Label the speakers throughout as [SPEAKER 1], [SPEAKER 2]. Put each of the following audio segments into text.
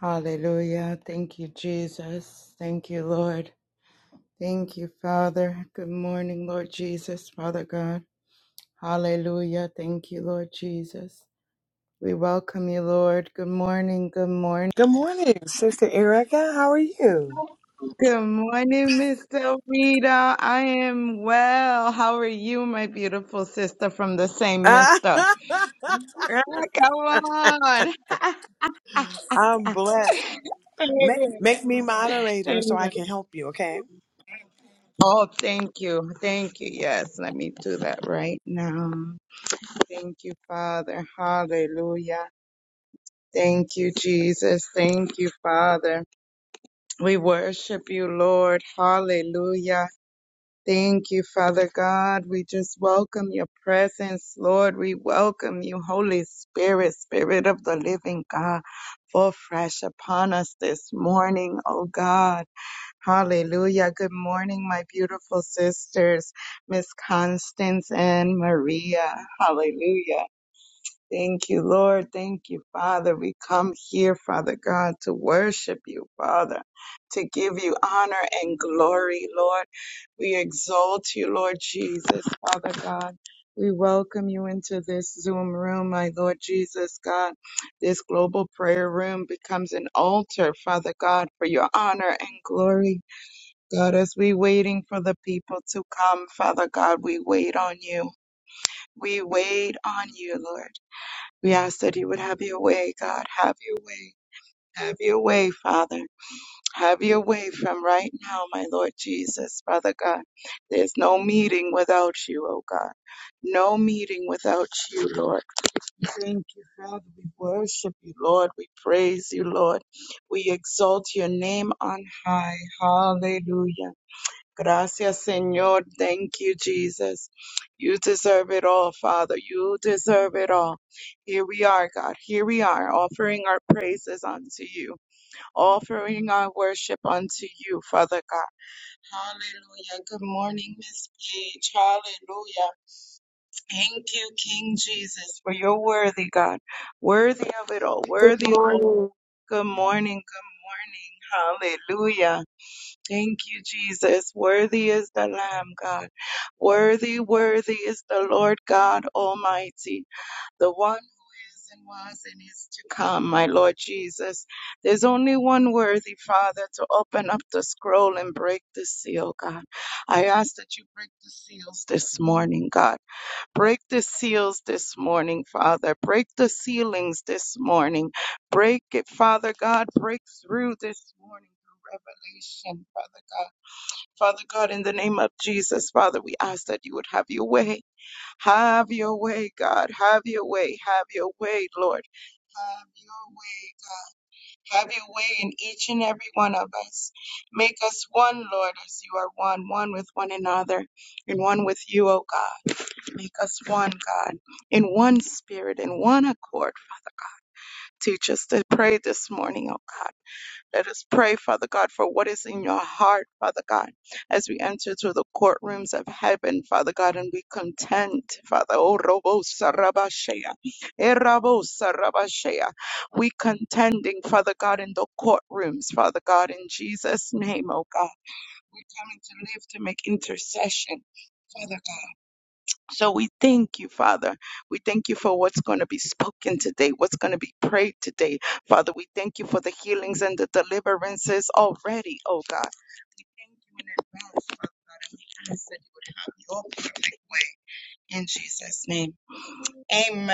[SPEAKER 1] Hallelujah. Thank you, Jesus. Thank you, Lord. Thank you, Father. Good morning, Lord Jesus, Father God. Hallelujah. Thank you, Lord Jesus. We welcome you, Lord. Good morning. Good morning.
[SPEAKER 2] Good morning, Sister Erica. How are you?
[SPEAKER 1] Good morning, Mr. Rita. I am well. How are you, my beautiful sister from the same mister? Ah, Come on.
[SPEAKER 2] I'm blessed. Make
[SPEAKER 1] Amen.
[SPEAKER 2] make me moderator so I can
[SPEAKER 1] Amen.
[SPEAKER 2] help you, okay?
[SPEAKER 1] Oh, thank you. Thank you. Yes, let me do that right now. Thank you, Father. Hallelujah. Thank you, Jesus. Thank you, Father. We worship you, Lord. Hallelujah. Thank you, Father God. We just welcome your presence, Lord. We welcome you, Holy Spirit, Spirit of the living God, fall fresh upon us this morning, oh God. Hallelujah. Good morning, my beautiful sisters, Miss Constance and Maria. Hallelujah. Thank you, Lord. Thank you, Father. We come here, Father God, to worship you, Father, to give you honor and glory, Lord. We exalt you, Lord Jesus, Father God. We welcome you into this Zoom room, my Lord Jesus God. This global prayer room becomes an altar, Father God, for your honor and glory. God, as we waiting for the people to come, Father God, we wait on you. We wait on you, Lord. We ask that you would have your way, God. Have your way. Have your way, Father. Have your way from right now, my Lord Jesus, Father God. There's no meeting without you, oh God. No meeting without you, Lord. Thank you, Father. We worship you, Lord. We praise you, Lord. We exalt your name on high. Hallelujah. Gracias, Señor. Thank you, Jesus. You deserve it all, Father. You deserve it all. Here we are, God. Here we are, offering our praises unto you, offering our worship unto you, Father God. Hallelujah. Good morning, Miss Page. Hallelujah. Thank you, King Jesus, for your worthy, God. Worthy of it all.
[SPEAKER 3] Good
[SPEAKER 1] Worthy of all.
[SPEAKER 3] morning.
[SPEAKER 1] Good morning. Good morning. Hallelujah. Thank you, Jesus. Worthy is the Lamb, God. Worthy, worthy is the Lord God Almighty, the one who is and was and is to come, my Lord Jesus. There's only one worthy, Father, to open up the scroll and break the seal, God. I ask that you break the seals this morning, God. Break the seals this morning, Father. Break the ceilings this morning. Break it, Father God. Break through this morning. through Revelation, Father God Father God, in the name of Jesus, Father, we ask that you would have your way. Have your way, God. Have your way. Have your way, Lord. Have your way. Have your way in each and every one of us. Make us one, Lord, as you are one, one with one another, and one with you, O God. Make us one, God, in one spirit, in one accord. Teach us to pray this morning, O God. Let us pray, Father God, for what is in your heart, Father God, as we enter to the courtrooms of heaven, Father God, and we contend, Father. Oh, Robo Sarabashea. Eh, Sarabashea. We contending, Father God, in the courtrooms, Father God, in Jesus' name, oh God. We're coming to live to make intercession. Father God. So we thank you, Father. We thank you for what's going to be spoken today, what's going to be prayed today. Father, we thank you for the healings and the deliverances already, oh God. We thank you in advance, Father God, and we ask that you would have your perfect way in Jesus' name. Amen.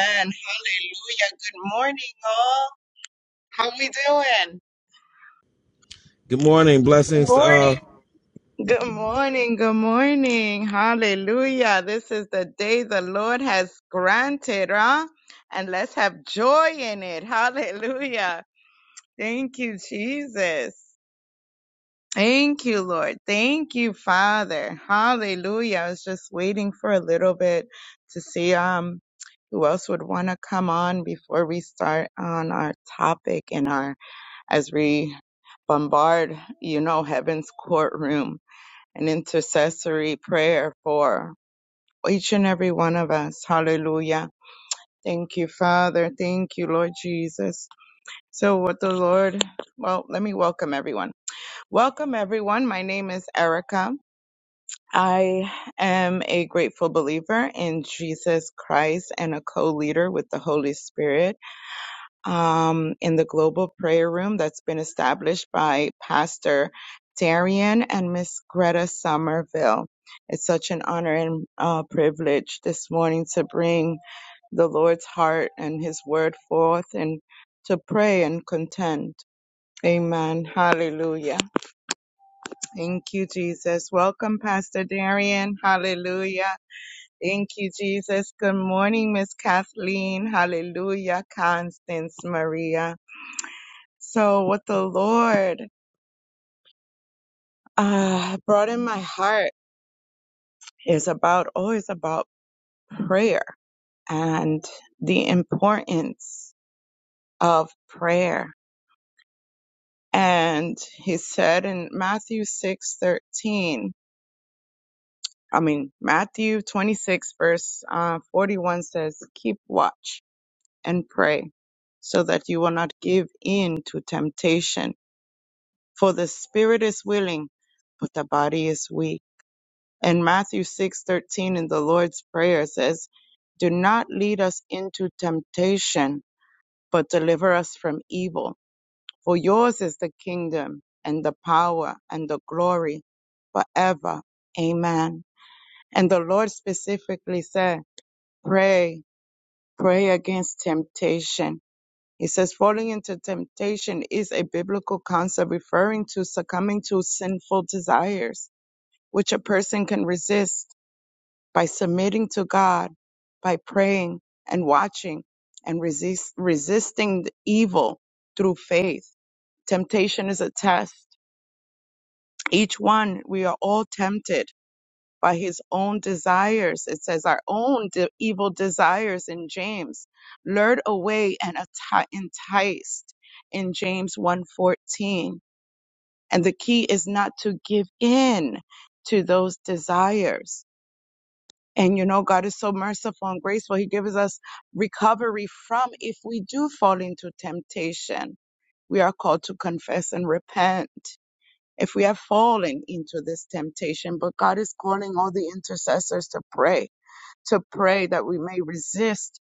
[SPEAKER 1] Hallelujah. Good morning, all. How we doing?
[SPEAKER 4] Good morning.
[SPEAKER 3] Good
[SPEAKER 4] Blessings to all.
[SPEAKER 3] morning.
[SPEAKER 1] Good morning, good morning. Hallelujah. This is the day the Lord has granted, huh? And let's have joy in it. Hallelujah. Thank you, Jesus. Thank you, Lord. Thank you, Father. Hallelujah. I was just waiting for a little bit to see um who else would want to come on before we start on our topic and our as we bombard, you know, heaven's courtroom and intercessory prayer for each and every one of us. Hallelujah. Thank you, Father. Thank you, Lord Jesus. So, what the Lord, well, let me welcome everyone. Welcome, everyone. My name is Erica. I am a grateful believer in Jesus Christ and a co leader with the Holy Spirit. um, in the global prayer room that's been established by Pastor Darian and Miss Greta Somerville. It's such an honor and uh, privilege this morning to bring the Lord's heart and His word forth and to pray and contend. Amen. Hallelujah. Thank you, Jesus. Welcome, Pastor Darian. Hallelujah. Thank you, Jesus. Good morning, Miss Kathleen. Hallelujah. Constance Maria. So what the Lord uh, brought in my heart is about always about prayer and the importance of prayer. And he said in Matthew six thirteen, I mean Matthew twenty six verse uh, forty one says, "Keep watch and pray, so that you will not give in to temptation. For the spirit is willing, but the body is weak." And Matthew 6:13 in the Lord's Prayer says, "Do not lead us into temptation, but deliver us from evil. For yours is the kingdom and the power and the glory forever." Amen. And the Lord specifically said, "Pray, pray against temptation." He says falling into temptation is a biblical concept referring to succumbing to sinful desires, which a person can resist by submitting to God, by praying and watching and resist, resisting the evil through faith. Temptation is a test. Each one, we are all tempted by his own desires. It says our own de- evil desires in James, lured away and atti- enticed in James one fourteen, And the key is not to give in to those desires And you know, God is so merciful and graceful. He gives us recovery from if we do fall into temptation. We are called to confess and repent if we have fallen into this temptation. But God is calling all the intercessors to pray, to pray that we may resist,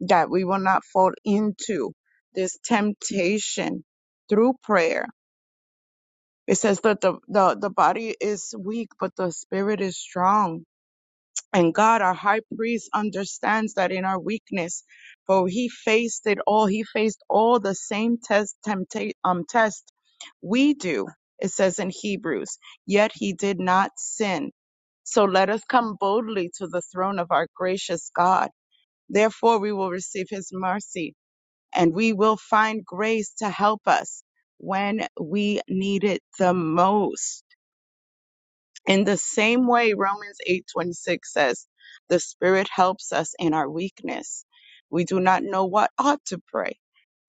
[SPEAKER 1] that we will not fall into this temptation through prayer. It says that the, the, the body is weak, but the spirit is strong And God, our high priest, understands that in our weakness, for he faced it all. He faced all the same test, tempta- um, test we do, it says in Hebrews, yet he did not sin. So let us come boldly to the throne of our gracious God. Therefore, we will receive his mercy and we will find grace to help us when we need it the most. In the same way, Romans 8:26 says, "The Spirit helps us in our weakness. We do not know what ought to pray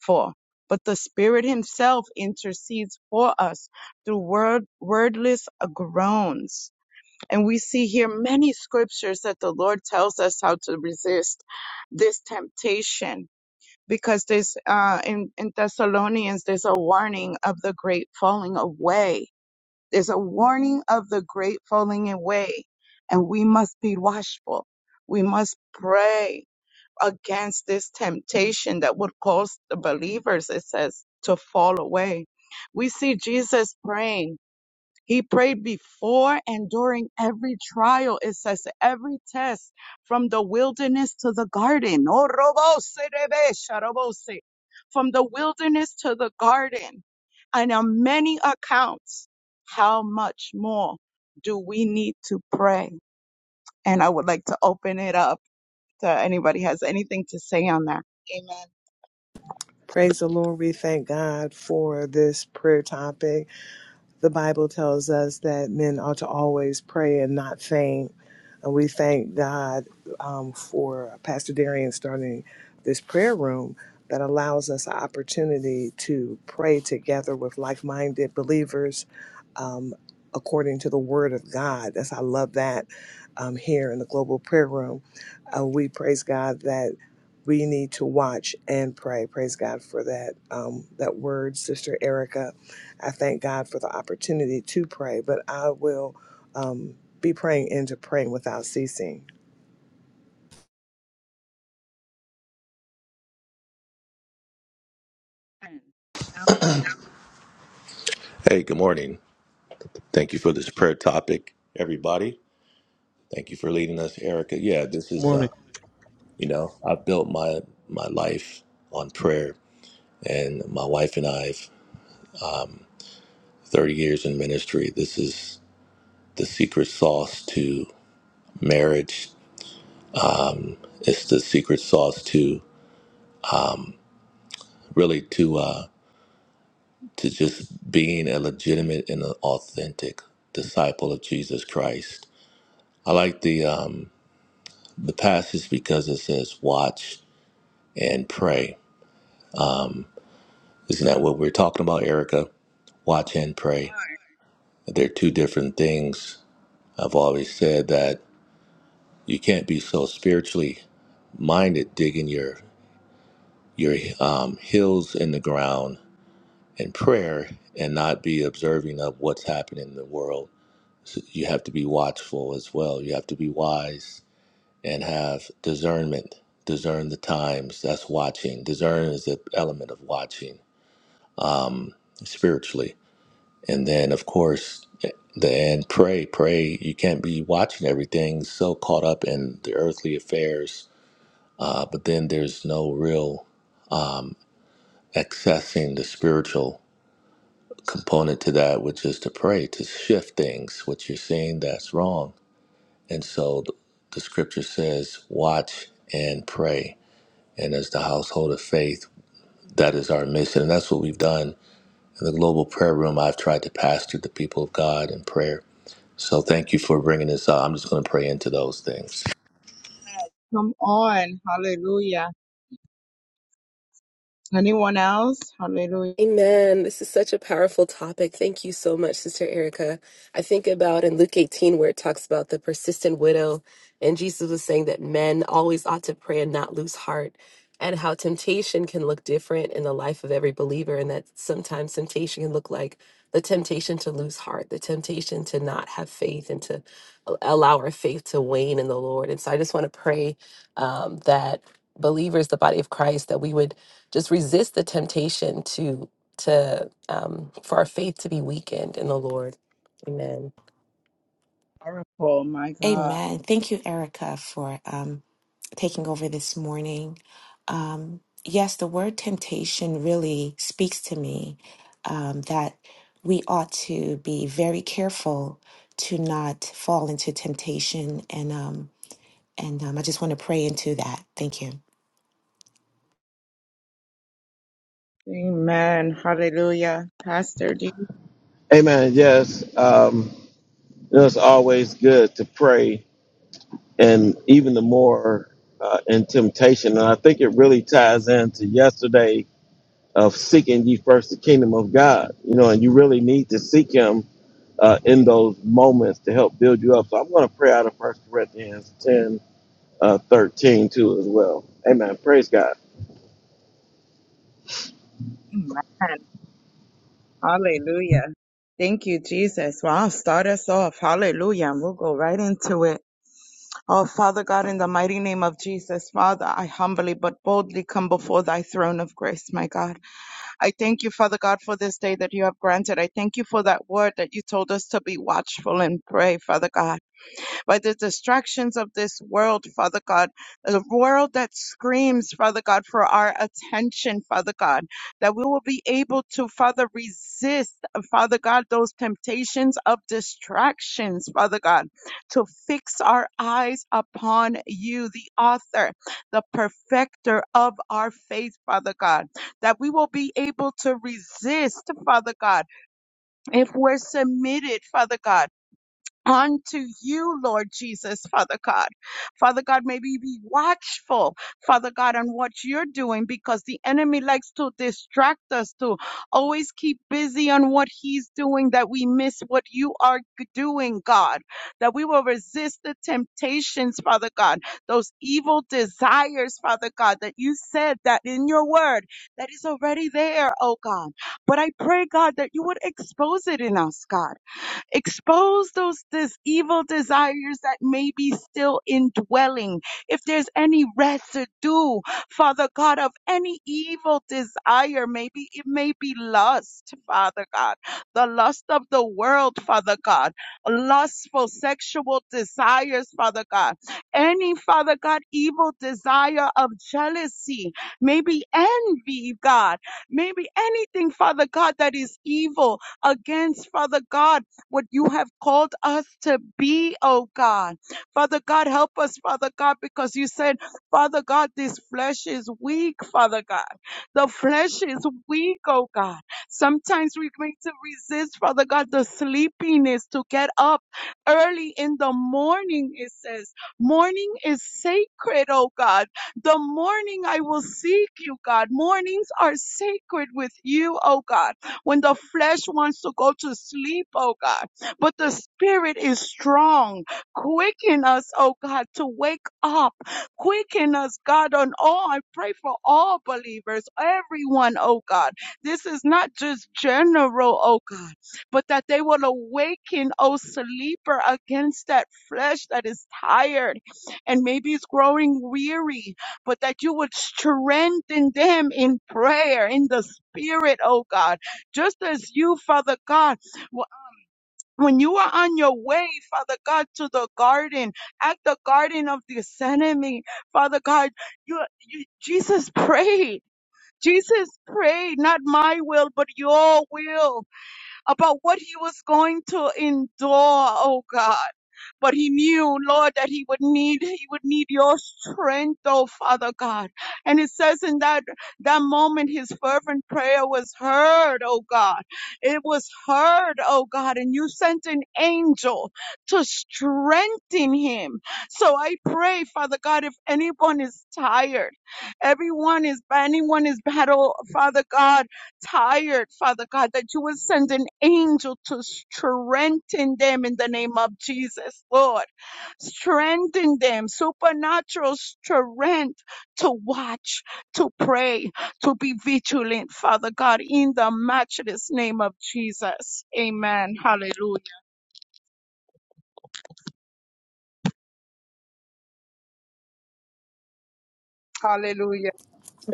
[SPEAKER 1] for, but the Spirit himself intercedes for us through word, wordless groans." And we see here many scriptures that the Lord tells us how to resist this temptation because there's uh, in, in Thessalonians there's a warning of the great falling away there's a warning of the great falling away, and we must be watchful. We must pray against this temptation that would cause the believers, it says, to fall away. We see Jesus praying he prayed before and during every trial. It says every test from the wilderness to the garden. Oh, robose, rebesha, robose. From the wilderness to the garden. And on many accounts, how much more do we need to pray? And I would like to open it up to anybody has anything to say on that. Amen.
[SPEAKER 2] Praise the Lord. We thank God for this prayer topic. the Bible tells us that men ought to always pray and not faint. And we thank God um, for Pastor Darian starting this prayer room that allows us an opportunity to pray together with like minded believers um, according to the Word of God. That's I love that um, here in the Global Prayer Room. Uh, we praise God that we need to watch and pray. Praise God for that um, that word, Sister Erica. I thank God for the opportunity to pray, but I will um, be praying into praying without ceasing.
[SPEAKER 5] Hey, good morning. Thank you for this prayer topic, everybody. Thank you for leading us, Erica. Yeah, this is, uh,
[SPEAKER 4] morning.
[SPEAKER 5] you know, I've built my my life on prayer, and my wife and I, 30 years in ministry. This is the secret sauce to marriage. It's the secret sauce to really to uh, to just being a legitimate and an authentic disciple of Jesus Christ. I like the um, the passage because it says, "Watch and pray." Isn't that what we're talking about, Erica? Watch and pray. They're two different things. I've always said that you can't be so spiritually minded digging your your um, heels in the ground in prayer and not be observing of what's happening in the world. So you have to be watchful as well. You have to be wise and have discernment. Discern the times. That's watching. Discern is an element of watching spiritually And then, of course, the end, pray, pray. You can't be watching everything, so caught up in the earthly affairs. Uh, but then there's no real um, accessing the spiritual component to that, which is to pray, to shift things, what you're seeing that's wrong. And so the, the scripture says, watch and pray. And as the household of faith, that is our mission. And that's what we've done. In the global prayer room, I've tried to pastor the people of God in prayer So thank you for bringing this up. I'm just going to pray into those things.
[SPEAKER 1] Come on. Hallelujah. Anyone else? Hallelujah.
[SPEAKER 3] Amen. This is such a powerful topic. Thank you so much, Sister Erica. I think about in Luke 18, where it talks about the persistent widow, and Jesus was saying that men always ought to pray and not lose heart, and how temptation can look different in the life of every believer, and that sometimes temptation can look like the temptation to lose heart, the temptation to not have faith, and to a- allow our faith to wane in the Lord. And so I just want to pray um, that believers, the body of Christ, that we would. just resist the temptation to to um, for our faith to be weakened in the Lord. Amen.
[SPEAKER 1] Powerful. My God.
[SPEAKER 6] Amen. Thank you, Erica, for um, taking over this morning. Um, yes, the word temptation really speaks to me um, that we ought to be very careful to not fall into temptation, and um, and um, I just want to pray into that. Thank you.
[SPEAKER 1] Amen. Hallelujah. Pastor D.
[SPEAKER 4] Amen. Yes. Um, you know, it's always good to pray, and even the more uh, in temptation. And I think it really ties into yesterday of seeking ye first the kingdom of God. You know, and you really need to seek Him uh, in those moments to help build you up. So I'm going to pray out of First Corinthians 10, uh, 13 too as well. Amen. Praise God.
[SPEAKER 1] Amen. Hallelujah. Thank you, Jesus. Wow, start us off. Hallelujah. And we'll go right into it. Oh, Father God, in the mighty name of Jesus, Father, I humbly but boldly come before thy throne of grace, my God. I thank you, Father God, for this day that you have granted. I thank you for that word that you told us to be watchful and pray, Father God. by the distractions of this world, Father God, a world that screams, Father God, for our attention, Father God, that we will be able to, Father, resist, Father God, those temptations of distractions, Father God, to fix our eyes upon you, the author, the perfecter of our faith, Father God, that we will be able to resist, Father God, if we're submitted, Father God unto you, Lord Jesus, Father God. Father God, may we be watchful, Father God, on what you're doing because the enemy likes to distract us, to always keep busy on what he's doing, that we miss what you are g- doing, God, that we will resist the temptations, Father God, those evil desires, Father God, that you said that in your word that is already there, oh God. But I pray, God, that you would expose it in us, God Expose those this evil desires that may be still indwelling. If there's any residue, Father God, of any evil desire, maybe it may be lust, Father God, the lust of the world, Father God, lustful sexual desires, Father God, any, Father God, evil desire of jealousy, maybe envy, God, maybe anything, Father God, that is evil against, Father God what you have called us to be, oh God. Father God, help us, Father God, because you said, Father God, this flesh is weak, Father God. The flesh is weak, oh God. Sometimes we need to resist, Father God, the sleepiness to get up early in the morning, it says. Morning is sacred, oh God. The morning I will seek you, God. Mornings are sacred with you, oh God when the flesh wants to go to sleep, oh God. But the spirit is strong. Quicken us, oh God, to wake up. Quicken us, God, on all. I pray for all believers, everyone, oh God. This is not just general, oh God, but that they will awaken, oh sleeper, against that flesh that is tired and maybe is growing weary, but that you would strengthen them in prayer, in the spirit, oh God just as you, Father God, w- when you are on your way, Father God, to the garden, at the garden of Gethsemane, Father God, you, you Jesus prayed. Jesus prayed, not my will, but your will about what he was going to endure, oh God. But he knew, Lord, that he would need, he would need your strength, oh Father God. And it says in that, that moment, his fervent prayer was heard, oh God. It was heard, oh God, and you sent an angel to strengthen him. So I pray, Father God, if anyone is tired, everyone is, anyone is battle, Father God, tired, Father God, that you would send an angel to strengthen them in the name of Jesus, Lord. Strengthen them, supernatural strength to watch, to pray, to be vigilant, Father God, in the matchless name of Jesus. Amen. Hallelujah. Hallelujah.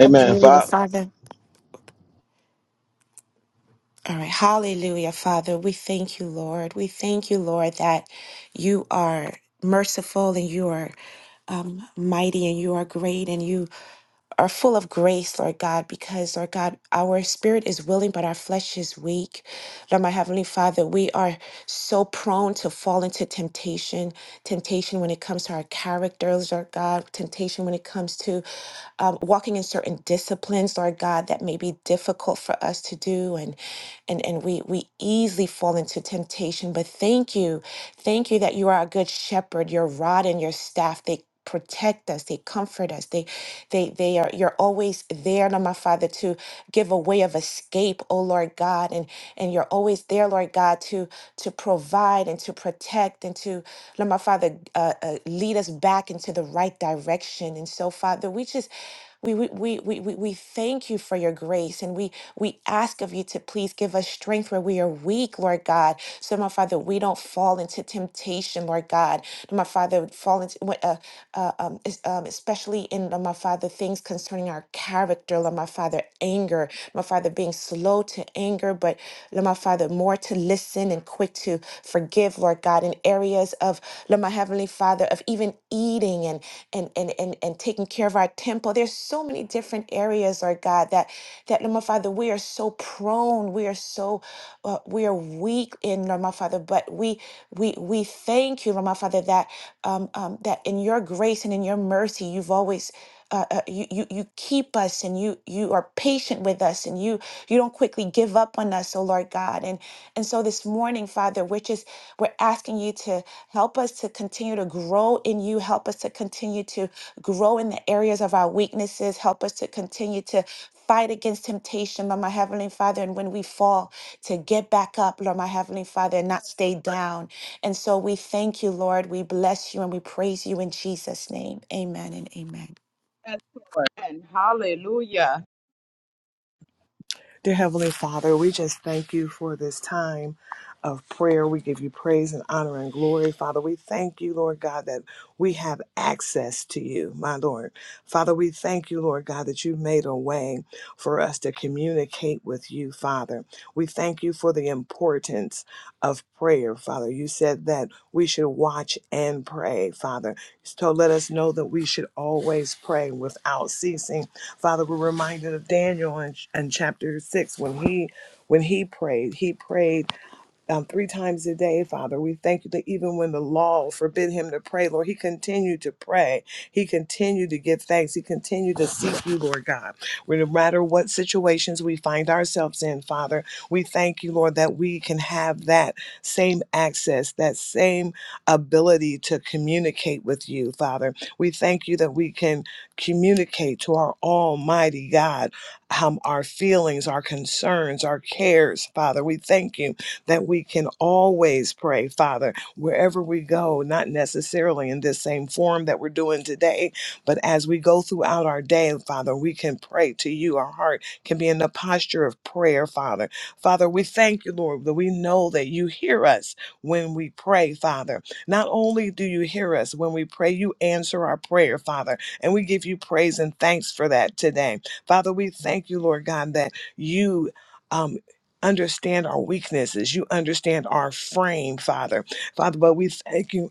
[SPEAKER 4] Amen.
[SPEAKER 6] Hallelujah,
[SPEAKER 4] Fa-
[SPEAKER 6] Father. All right. Hallelujah, Father. We thank you, Lord. We thank you, Lord, that you are merciful and you are um, mighty and you are great and you are full of grace, Lord God, because, Lord God, our spirit is willing, but our flesh is weak. Lord, my Heavenly Father, we are so prone to fall into temptation, temptation when it comes to our characters, Lord God, temptation when it comes to um, walking in certain disciplines, Lord God, that may be difficult for us to do. And, and, and we, we easily fall into temptation. But thank you. Thank you that you are a good shepherd. Your rod and your staff, they protect us they comfort us they they they are you're always there Lord my father to give a way of escape oh lord god and and you're always there lord god to to provide and to protect and to Lord my father uh, uh, lead us back into the right direction and so father we just we, we, we, we, we we thank you for your grace and we, we ask of you to please give us strength where we are weak, Lord God. So, my Father, we don't fall into temptation, Lord God. My Father, fall into, uh, uh, um, es- um, especially in, uh, my Father, things concerning our character, Lord, my Father, anger, my Father, being slow to anger, but, Lord, my Father, more to listen and quick to forgive, Lord God, in areas of Lord my Heavenly Father of even eating and and and and, and taking care of our temple. There's so many different areas, Lord God, that that Lord my Father, we are so prone, we are so uh, we are weak in Lord my Father, but we we we thank you, Lord my Father, that um, um that in your grace and in your mercy, you've always uh, uh, you, you you keep us and you you are patient with us and you you don't quickly give up on us, oh Lord God. And and so this morning, Father, we're just we're asking you to help us to continue to grow in you, help us to continue to grow in the areas of our weaknesses, help us to continue to fight against temptation, Lord my Heavenly Father, and when we fall, to get back up, Lord my Heavenly Father, and not stay down. And so we thank you, Lord. We bless you and we praise you in Jesus' name. Amen and amen.
[SPEAKER 1] Yes, Lord. And hallelujah.
[SPEAKER 2] Dear Heavenly Father, we just thank you for this time of prayer. We give you praise and honor and glory, Father. We thank you, Lord God, that we have access to you, my Lord. Father, we thank you, Lord God, that you made a way for us to communicate with you, Father. We thank you for the importance of prayer, Father. You said that we should watch and pray, Father. So let us know that we should always pray without ceasing Father, we're reminded of Daniel in, in chapter six when he when he prayed. He prayed um, three times a day, Father. We thank you that even when the law forbid him to pray, Lord, he continued to pray. He continued to give thanks. He continued to seek you, Lord God. No matter what situations we find ourselves in, Father, we thank you, Lord, that we can have that same access, that same ability to communicate with you, Father. We thank you that we can communicate to our Almighty God um, our feelings, our concerns, our cares, Father. We thank you that we can always pray, Father, wherever we go, not necessarily in this same form that we're doing today, but as we go throughout our day, Father, we can pray to you. Our heart can be in the posture of prayer, Father. Father, we thank you, Lord, that we know that you hear us when we pray, Father. Not only do you hear us when we pray, you answer our prayer, Father, and we give you praise and thanks for that today. Father, we thank you, Lord God, that you. um understand our weaknesses. You understand our frame, Father. Father, but we thank you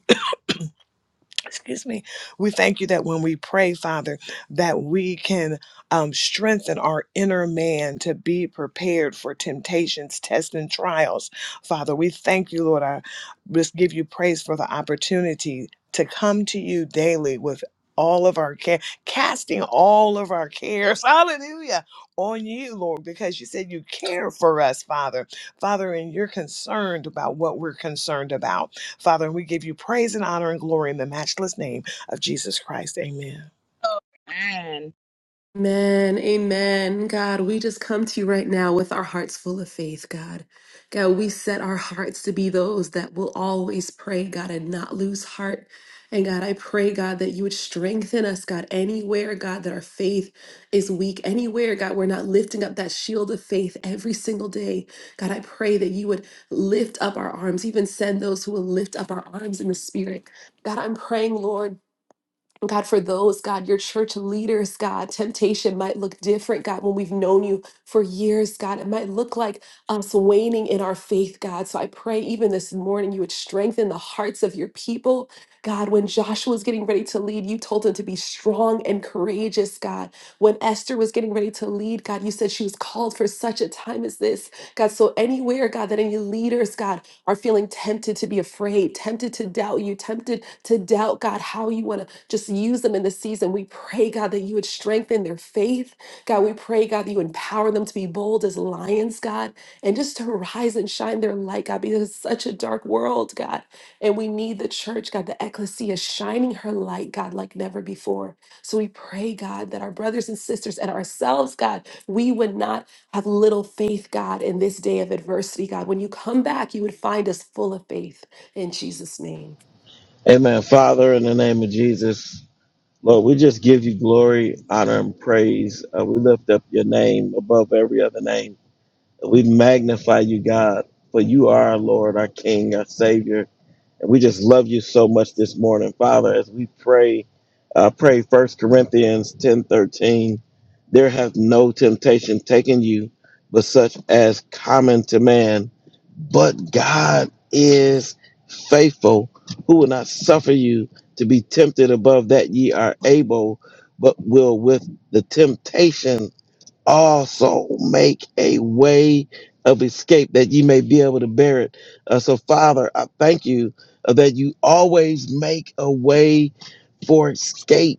[SPEAKER 2] excuse me we thank you that when we pray father that we can um, strengthen our inner man to be prepared for temptations tests and trials father we thank you lord i just give you praise for the opportunity to come to you daily with all of our care, casting all of our cares, hallelujah, on you, Lord, because you said you care for us, Father. Father, and you're concerned about what we're concerned about. Father, and we give you praise and honor and glory in the matchless name of Jesus Christ. Amen.
[SPEAKER 1] And
[SPEAKER 3] Amen. Amen. God, we just come to you right now with our hearts full of faith, God. God, we set our hearts to be those that will always pray, God, and not lose heart. And God, I pray, God, that you would strengthen us, God, anywhere, God, that our faith is weak, anywhere, God, we're not lifting up that shield of faith every single day. God, I pray that you would lift up our arms, even send those who will lift up our arms in the spirit. God, I'm praying, Lord. God, for those, God, your church leaders, God, temptation might look different, God, when we've known you for years, God. It might look like us waning in our faith, God. So I pray even this morning you would strengthen the hearts of your people. God, when Joshua was getting ready to lead, you told him to be strong and courageous, God. When Esther was getting ready to lead, God, you said she was called for such a time as this, God. So anywhere, God, that any leaders, God, are feeling tempted to be afraid, tempted to doubt you, tempted to doubt, God, how you want to just use them in this season. We pray, God, that you would strengthen their faith. God, we pray, God, that you empower them to be bold as lions, God, and just to rise and shine their light, God, because it's such a dark world, God. And we need the church, God, the ecclesia shining her light, God, like never before. So we pray, God, that our brothers and sisters and ourselves, God, we would not have little faith, God, in this day of adversity, God. When you come back, you would find us full of faith in Jesus' name.
[SPEAKER 4] Amen. Father, in the name of Jesus. Lord, we just give you glory, honor, and praise. Uh, we lift up your name above every other name. We magnify you, God, for you are our Lord, our King, our Savior. And we just love you so much this morning, Father, as we pray, uh, pray First Corinthians ten thirteen. There hath no temptation taken you, but such as common to man. But God is faithful, who will not suffer you to be tempted above that ye are able, but will with the temptation also make a way of escape that you may be able to bear it. Uh, so, Father, I thank you uh, that you always make a way for escape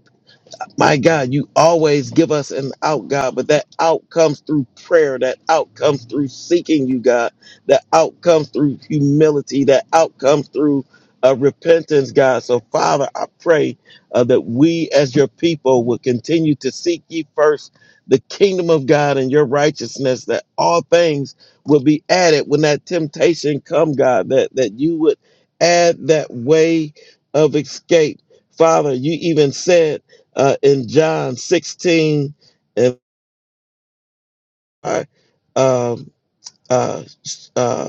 [SPEAKER 4] my God, you always give us an out, God, but that out comes through prayer. That out comes through seeking you, God. That out comes through humility. That out comes through uh, repentance, God. So, Father, I pray uh, that we as your people will continue to seek ye first the kingdom of God and your righteousness, that all things will be added when that temptation come, God, that, that you would add that way of escape. Father, you even said uh, in John 16 and uh, um, uh, uh,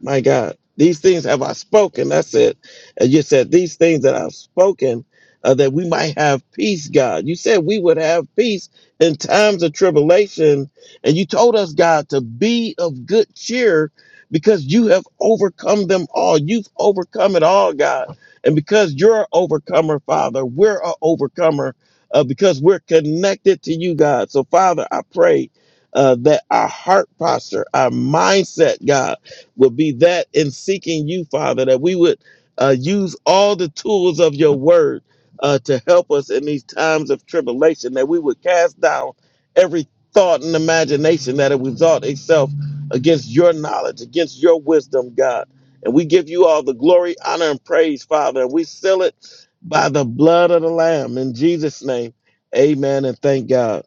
[SPEAKER 4] My God, these things have I spoken. That's it. And you said these things that I've spoken uh, that we might have peace, God. You said we would have peace in times of tribulation. And you told us, God, to be of good cheer because you have overcome them all. You've overcome it all, God. And because you're an overcomer, Father, we're an overcomer uh, because we're connected to you, God. So, Father, I pray uh, that our heart posture, our mindset, God, will be that in seeking you, Father, that we would uh, use all the tools of your word uh, to help us in these times of tribulation, that we would cast down every thought and imagination that would exalt itself against your knowledge, against your wisdom, God. And we give you all the glory, honor, and praise, Father. And we seal it by the blood of the Lamb. In Jesus' name, amen and thank God.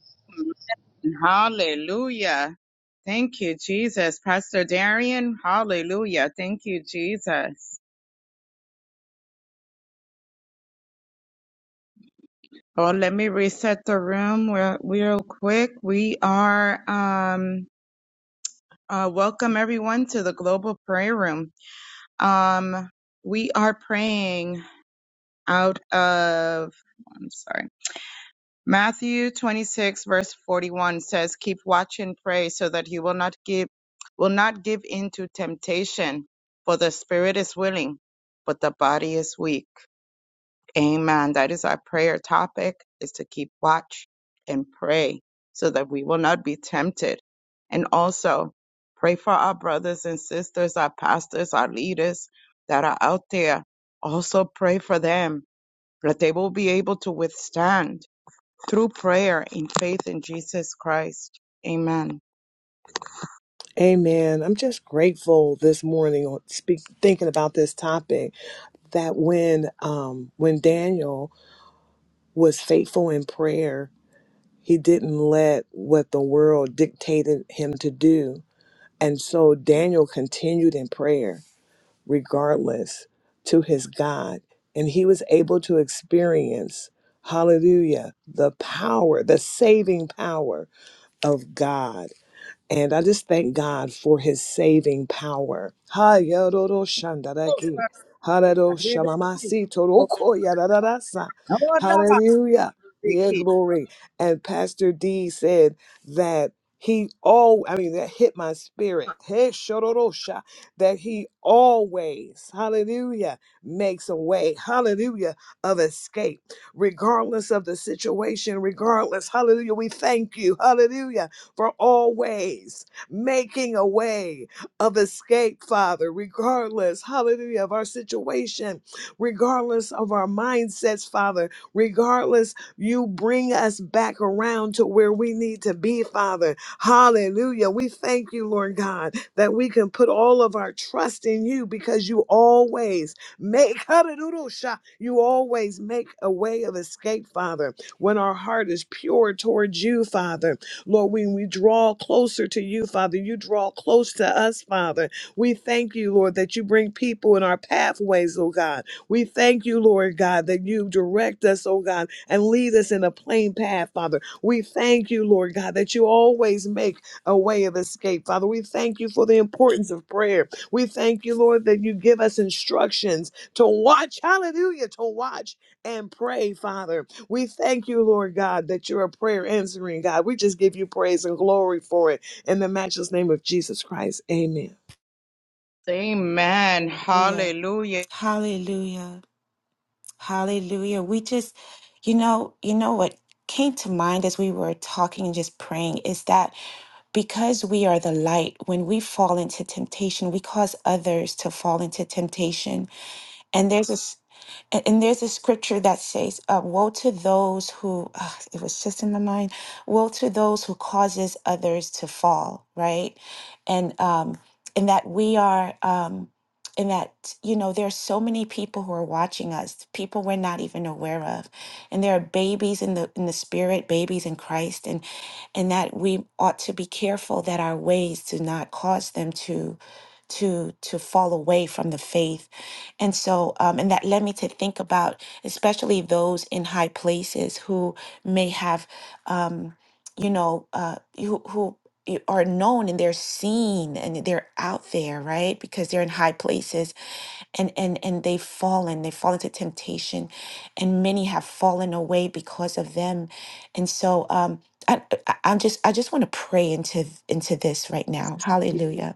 [SPEAKER 1] hallelujah. Thank you, Jesus. Pastor Darian, hallelujah. Thank you, Jesus. Oh, let me reset the room real, real quick. We are, um, uh, welcome everyone to the Global Prayer Room. Um, we are praying out of, I'm sorry. Matthew 26 verse 41 says, keep watch and pray so that you will not give, will not give into temptation for the spirit is willing, but the body is weak. Amen. That is our prayer topic is to keep watch and pray so that we will not be tempted. And also pray for our brothers and sisters, our pastors, our leaders that are out there. Also pray for them that they will be able to withstand through prayer in faith in Jesus Christ. Amen.
[SPEAKER 2] Amen. I'm just grateful this morning on speak, thinking about this topic that when um when Daniel was faithful in prayer, he didn't let what the world dictated him to do. And so Daniel continued in prayer regardless to his God, and he was able to experience hallelujah, the power, the saving power of God. And I just thank God for his saving power. Ha yororo shandaraki. Hararo shamamasi toroko yarararasa. Hallelujah. Yeah, glory. And Pastor D said that he all I mean that hit my spirit. Hey shororosha that he always, hallelujah, makes a way, hallelujah, of escape regardless of the situation, regardless. Hallelujah. We thank you. Hallelujah for always making a way of escape, Father, regardless, hallelujah, of our situation, regardless of our mindsets, Father, regardless, you bring us back around to where we need to be, Father. Hallelujah. We thank you, Lord God, that we can put all of our trust in you because you always make, hallelujah, you always make a way of escape, Father, when our heart is pure towards you, Father. Lord, when we draw closer to you, Father, you draw close to us, Father. We thank you, Lord, that you bring people in our pathways, oh God. We thank you, Lord God, that you direct us, oh God, and lead us in a plain path, Father. We thank you, Lord God, that you always make a way of escape, Father. We thank you for the importance of prayer. We thank you, Lord, that you give us instructions to watch, hallelujah, to watch and pray, Father. We thank you, Lord God, that you're a prayer answering God. We just give you praise and glory for it in the matchless name of Jesus Christ. Amen.
[SPEAKER 1] Amen.
[SPEAKER 6] Hallelujah.
[SPEAKER 1] Hallelujah.
[SPEAKER 6] Hallelujah. Hallelujah. We just, you know, you know what came to mind as we were talking and just praying is that because we are the light, when we fall into temptation, we cause others to fall into temptation. And there's this, and and there's a scripture that says, uh, "Woe to those who." Uh, it was just in my mind. Woe to those who causes others to fall. Right, and um, and that we are, um, and that you know, there are so many people who are watching us, people we're not even aware of, and there are babies in the in the spirit, babies in Christ, and and that we ought to be careful that our ways do not cause them to to to fall away from the faith and so um, and that led me to think about especially those in high places who may have um, you know uh, who, who i- are known and they're seen and they're out there right because they're in high places and and and they've fallen they've fallen to temptation and many have fallen away because of them and so um i i I- am just i just want to pray into th- into this right now hallelujah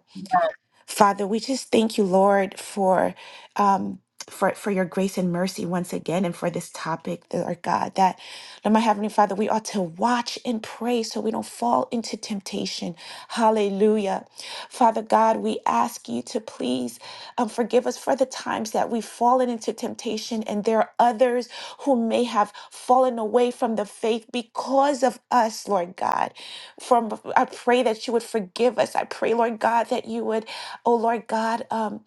[SPEAKER 6] Father, we just thank you, Lord, for um, for for your grace and mercy once again, and for this topic, Lord God. That, Lord, my heavenly Father, we ought to watch and pray so we don't fall into temptation. Hallelujah, Father God, we ask you to please um, forgive us for the times that we've fallen into temptation, and there are others who may have fallen away from the faith because of us, Lord God. From I pray that you would forgive us. I pray, Lord God, that you would. Oh Lord God, um,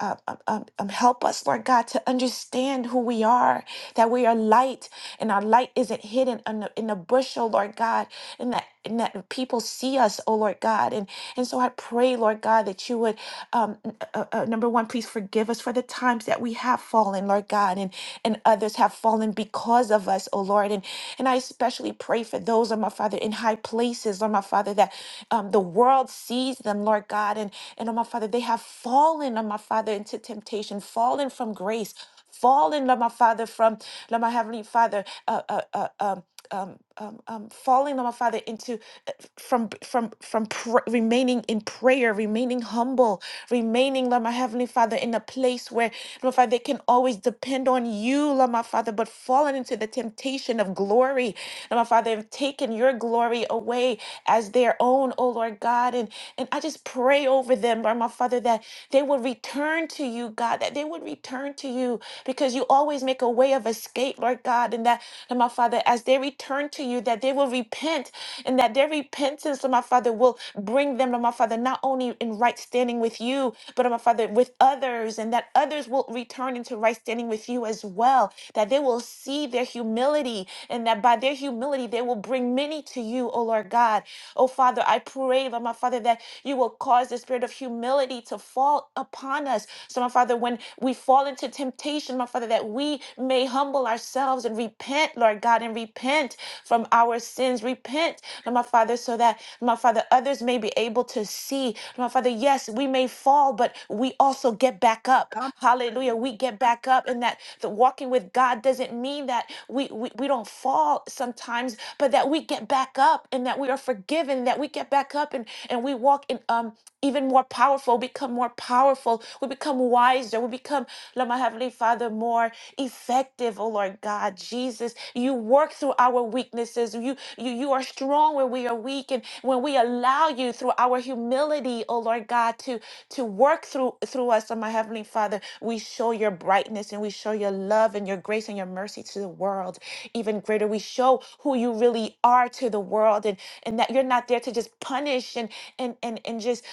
[SPEAKER 6] uh, um, um, um, help us, Lord God, to understand who we are, that we are light, and our light isn't hidden in the, in the bushel, Lord God, and that and that people see us, oh Lord God, and and so I pray, Lord God, that you would, um, n- uh, uh, uh, number one, please forgive us for the times that we have fallen, Lord God, and and others have fallen because of us, oh Lord, and and I especially pray for those, Lord my Father, in high places, Lord my Father, that um, the world sees them, Lord God, and oh my Father. They have fallen, oh my Father, into temptation, fallen from grace, fallen, Lord my Father, from Lord my Heavenly Father, uh, uh, uh, um, um, um, um, falling, Lord my Father, into uh, from from from pr- remaining in prayer, remaining humble, remaining, Lord my Heavenly Father, in a place where, Lord my Father, they can always depend on you, Lord my Father, but fallen into the temptation of glory, Lord my Father, have taken your glory away as their own, oh Lord God. God. And, and I just pray over them, Lord, my Father, that they would return to you, God, that they would return to you because you always make a way of escape, Lord God. And that, Lord, my Father, as they return to you, that they will repent and that their repentance, Lord, my Father, will bring them, Lord, my Father, not only in right standing with you, but, Lord, my Father, with others, and that others will return into right standing with you as well, that they will see their humility, and that by their humility, they will bring many to you, O Lord God. God. Oh, Father, I pray, Lord, my Father, that you will cause the spirit of humility to fall upon us. So, my Father, when we fall into temptation, my Father, that we may humble ourselves and repent, Lord God, and repent from our sins. Repent, Lord, my Father, so that, my Father, others may be able to see. my Father, yes, we may fall, but we also get back up. Hallelujah. We get back up, and that the walking with God doesn't mean that we, we, we don't fall sometimes, times, but that we get back up and that we are forgiven, that we get back up and, and we walk in um even more powerful, become more powerful, we become wiser, we become, Lord my Heavenly Father, more effective, oh Lord God, Jesus. You work through our weaknesses. You you you are strong where we are weak. And when we allow you through our humility, oh Lord God, to to work through through us, oh my Heavenly Father, we show your brightness and we show your love and your grace and your mercy to the world even greater we show who you really are to the world and and that you're not there to just punish and and and, and just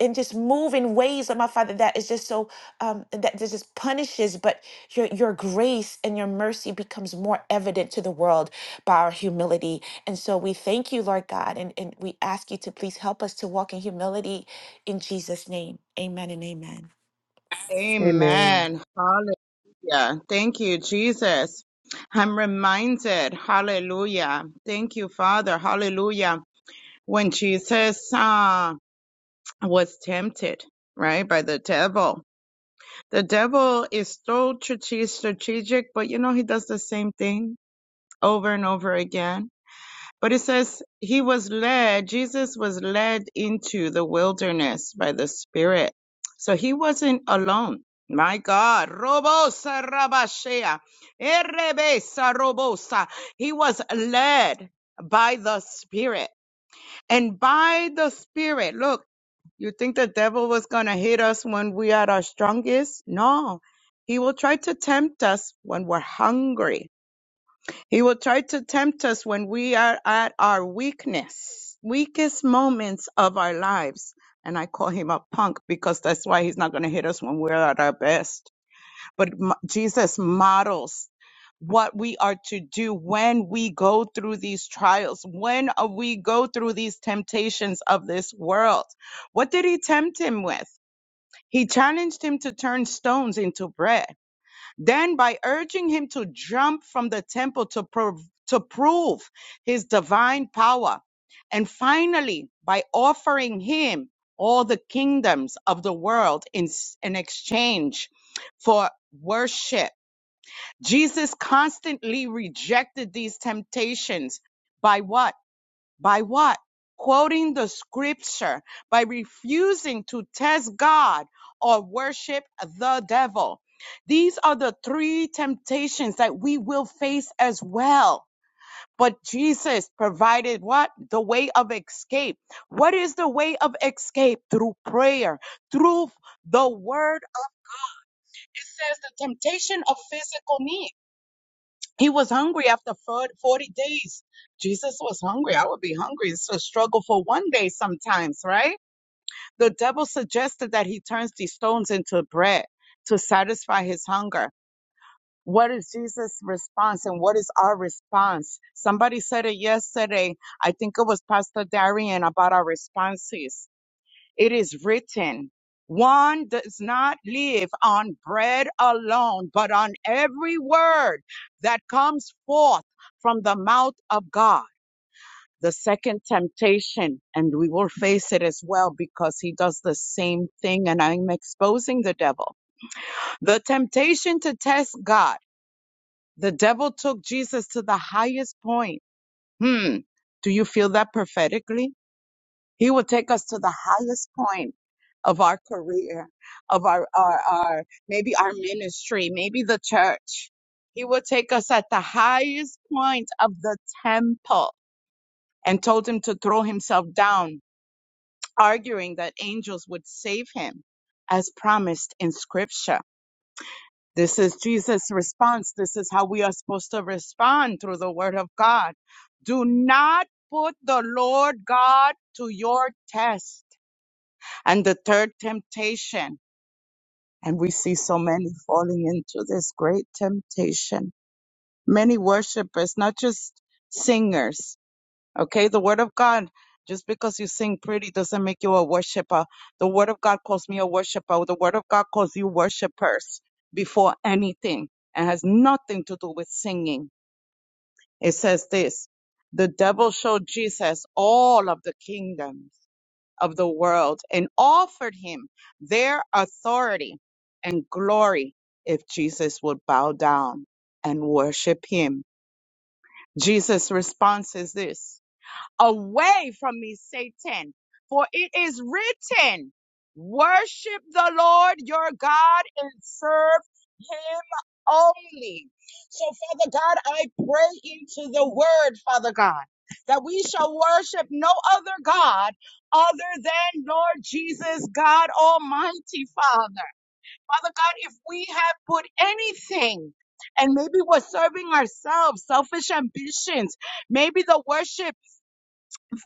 [SPEAKER 6] and just move in ways of my father that is just so um that this just punishes but your your grace and your mercy becomes more evident to the world by our humility and so we thank you lord god and, and we ask you to please help us to walk in humility in jesus name amen and amen
[SPEAKER 2] Amen.
[SPEAKER 1] Amen. Hallelujah. Thank you, Jesus. I'm reminded, hallelujah. Thank you, Father. Hallelujah. When Jesus uh, was tempted, right, by the devil, the devil is so strate- strategic, but you know, he does the same thing over and over again but it says he was led, Jesus was led into the wilderness by the Spirit. So he wasn't alone. My God, Robosa Rabashea, Erebesa Robosa. He was led by the Spirit. And by the Spirit, look, you think the devil was going to hit us when we are at our strongest? No. He will try to tempt us when we're hungry he will try to tempt us when we are at our weakness, weakest moments of our lives. And I call him a punk because that's why he's not going to hit us when we're at our best. But m- Jesus models what we are to do when we go through these trials, when uh, we go through these temptations of this world. What did he tempt him with? He challenged him to turn stones into bread. Then, by urging him to jump from the temple to, prov- to prove his divine power, and finally, by offering him all the kingdoms of the world in, in exchange for worship, Jesus constantly rejected these temptations by what? By what? Quoting the scripture, by refusing to test God or worship the devil. These are the three temptations that we will face as well. But Jesus provided what? The way of escape. What is the way of escape? Through prayer, through the word. It says the temptation of physical need. He was hungry after fir- 40 days. Jesus was hungry. I would be hungry. It's a struggle for one day sometimes, right? The devil suggested that he turns these stones into bread to satisfy his hunger. What is Jesus' response and what is our response? Somebody said it yesterday. I think it was Pastor Darian about our responses. It is written, one does not live on bread alone, but on every word that comes forth from the mouth of God. The second temptation, and we will face it as well because he does the same thing, and I'm exposing the devil. The temptation to test God. The devil took Jesus to the highest point. Hmm. Do you feel that prophetically? He will take us to the highest point of our career, of our, our, our, maybe our ministry, maybe the church. He will take us at the highest point of the temple and told him to throw himself down, arguing that angels would save him as promised in scripture. This is Jesus' response. This is how we are supposed to respond through the word of God. Do not put the Lord God to your test And the third temptation, and we see so many falling into this great temptation. Many worshipers, not just singers. Okay, the word of God, just because you sing pretty doesn't make you a worshiper. The word of God calls me a worshiper. The word of God calls you worshipers before anything and has nothing to do with singing. It says this, the devil showed Jesus all of the kingdoms of the world and offered him their authority and glory if Jesus would bow down and worship him. Jesus' response is this. Away from me, Satan. For it is written, worship the Lord your God and serve him only. So, Father God, I pray into the word, Father God, that we shall worship no other God other than Lord Jesus, God Almighty, Father. Father God, if we have put anything and maybe we're serving ourselves, selfish ambitions, maybe the worship.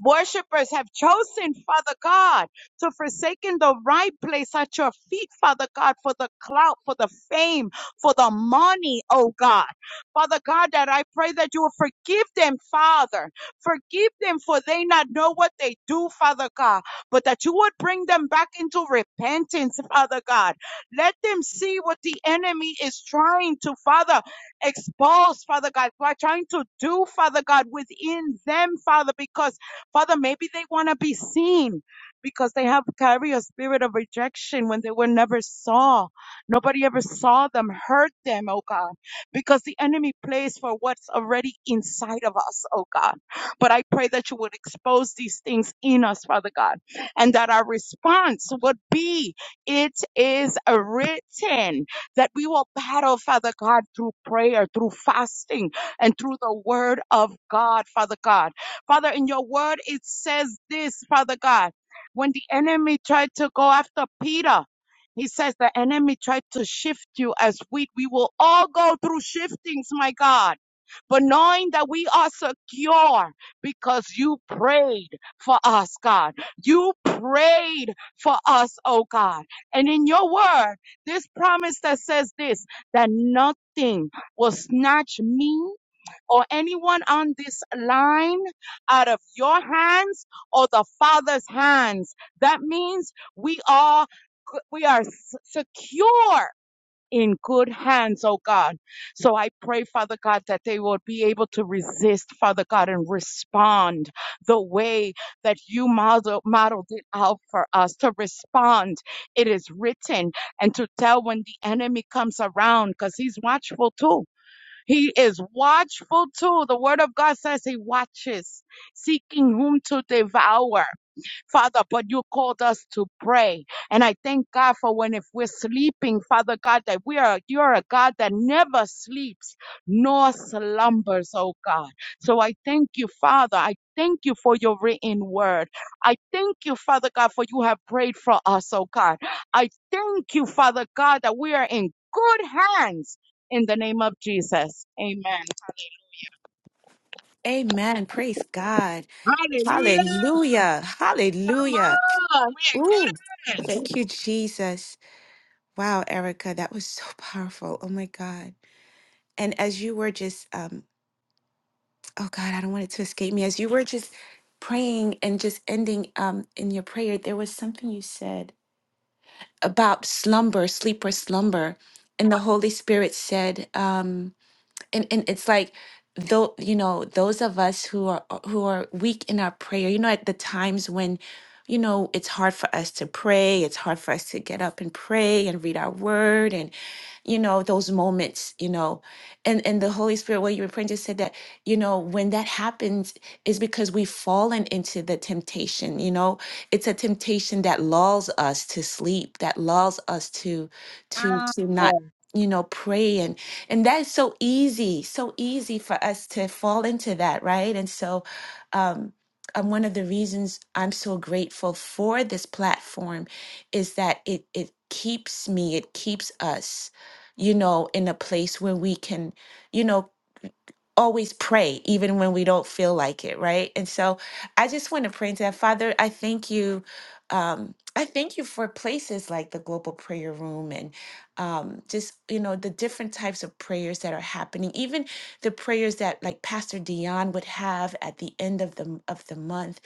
[SPEAKER 1] Worshippers have chosen, Father God, to forsaken the right place at your feet, Father God, for the clout, for the fame, for the money, oh God. Father God, that I pray that you will forgive them, Father. Forgive them for they not know what they do, Father God, but that you would bring them back into repentance, Father God. Let them see what the enemy is trying to, Father, expose, Father God, by trying to do, Father God, within them, Father, because Father, maybe they want to be seen because they have carry a spirit of rejection when they were never saw. Nobody ever saw them, hurt them, oh God, because the enemy plays for what's already inside of us, oh God. But I pray that you would expose these things in us, Father God, and that our response would be, it is written that we will battle, Father God, through prayer, through fasting, and through the word of God, Father God. Father, in your word, it says this, Father God. When the enemy tried to go after Peter, he says the enemy tried to shift you as wheat. We will all go through shiftings, my God, but knowing that we are secure because you prayed for us, God. You prayed for us, oh God. And in your word, this promise that says this, that nothing will snatch me or anyone on this line out of your hands or the Father's hands. That means we are we are s- secure in good hands, oh God. So I pray, Father God, that they will be able to resist, Father God, and respond the way that you model, modeled it out for us to respond. It is written and to tell when the enemy comes around because he's watchful too he is watchful too. The word of God says he watches, seeking whom to devour. Father, but you called us to pray. And I thank God for when if we're sleeping, Father God, that we are, you're a God that never sleeps nor slumbers, oh God. So I thank you, Father. I thank you for your written word. I thank you, Father God, for you have prayed for us, oh God. I thank you, Father God, that we are in good hands. In the name of Jesus. Amen.
[SPEAKER 6] Amen. Praise God.
[SPEAKER 1] Hallelujah.
[SPEAKER 6] Hallelujah. Hallelujah.
[SPEAKER 1] Come on.
[SPEAKER 6] Ooh,
[SPEAKER 1] We're in good
[SPEAKER 6] thank you, Jesus. Wow, Erica, that was so powerful. Oh my God. And as you were just, um, oh God, I don't want it to escape me. As you were just praying and just ending um, in your prayer, there was something you said about slumber, sleep or slumber. And the Holy Spirit said, um, and and it's like though you know those of us who are who are weak in our prayer you know at the times when you know it's hard for us to pray it's hard for us to get up and pray and read our word and you know those moments you know and and the holy spirit what you were praying just said that you know when that happens is because we've fallen into the temptation you know it's a temptation that lulls us to sleep that lulls us to to
[SPEAKER 1] hands.
[SPEAKER 6] to not you know pray and that is so easy, so easy for us to fall into that, right? And so, um, and one of the reasons I'm so grateful for this platform is that it it keeps me, it keeps us, you know, in a place where we can, you know, always pray even when we don't feel like it, right? And so, I just want to pray to that Father. I thank you. Um, I thank you for places like the Global Prayer Room um, just you know the different types of prayers that are happening, even the prayers that like Pastor Dion would have at the end of the of the month,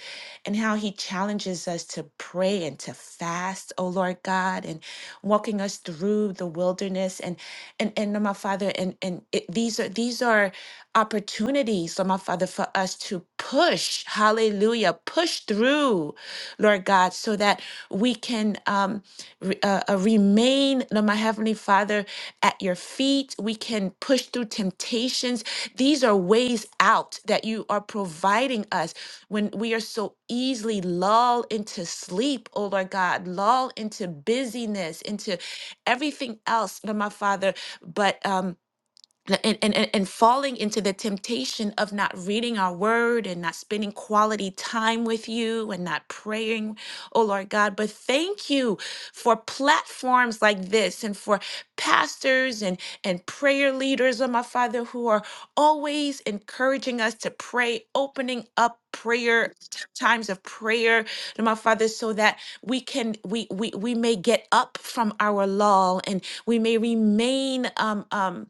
[SPEAKER 6] and how he challenges us to pray and to fast, oh Lord God, and walking us through the wilderness and and and my Father, and and it, these are these are opportunities, Lord my Father, for us to push, Hallelujah, push through, Lord God, so that we can. Um, re- uh, uh, remain, Lord, my Heavenly Father, at your feet. We can push through temptations. These are ways out that you are providing us when we are so easily lulled into sleep, oh Lord God, lulled into busyness, into everything else, Lord, my Father. But um, and, and, and and falling into the temptation of not reading our word and not spending quality time with you and not praying, oh Lord God. But thank you for platforms like this and for pastors and, and prayer leaders, oh my Father, who are always encouraging us to pray, opening up prayer t- times of prayer oh my father so that we can we we, we may get up from our lull and we may remain um um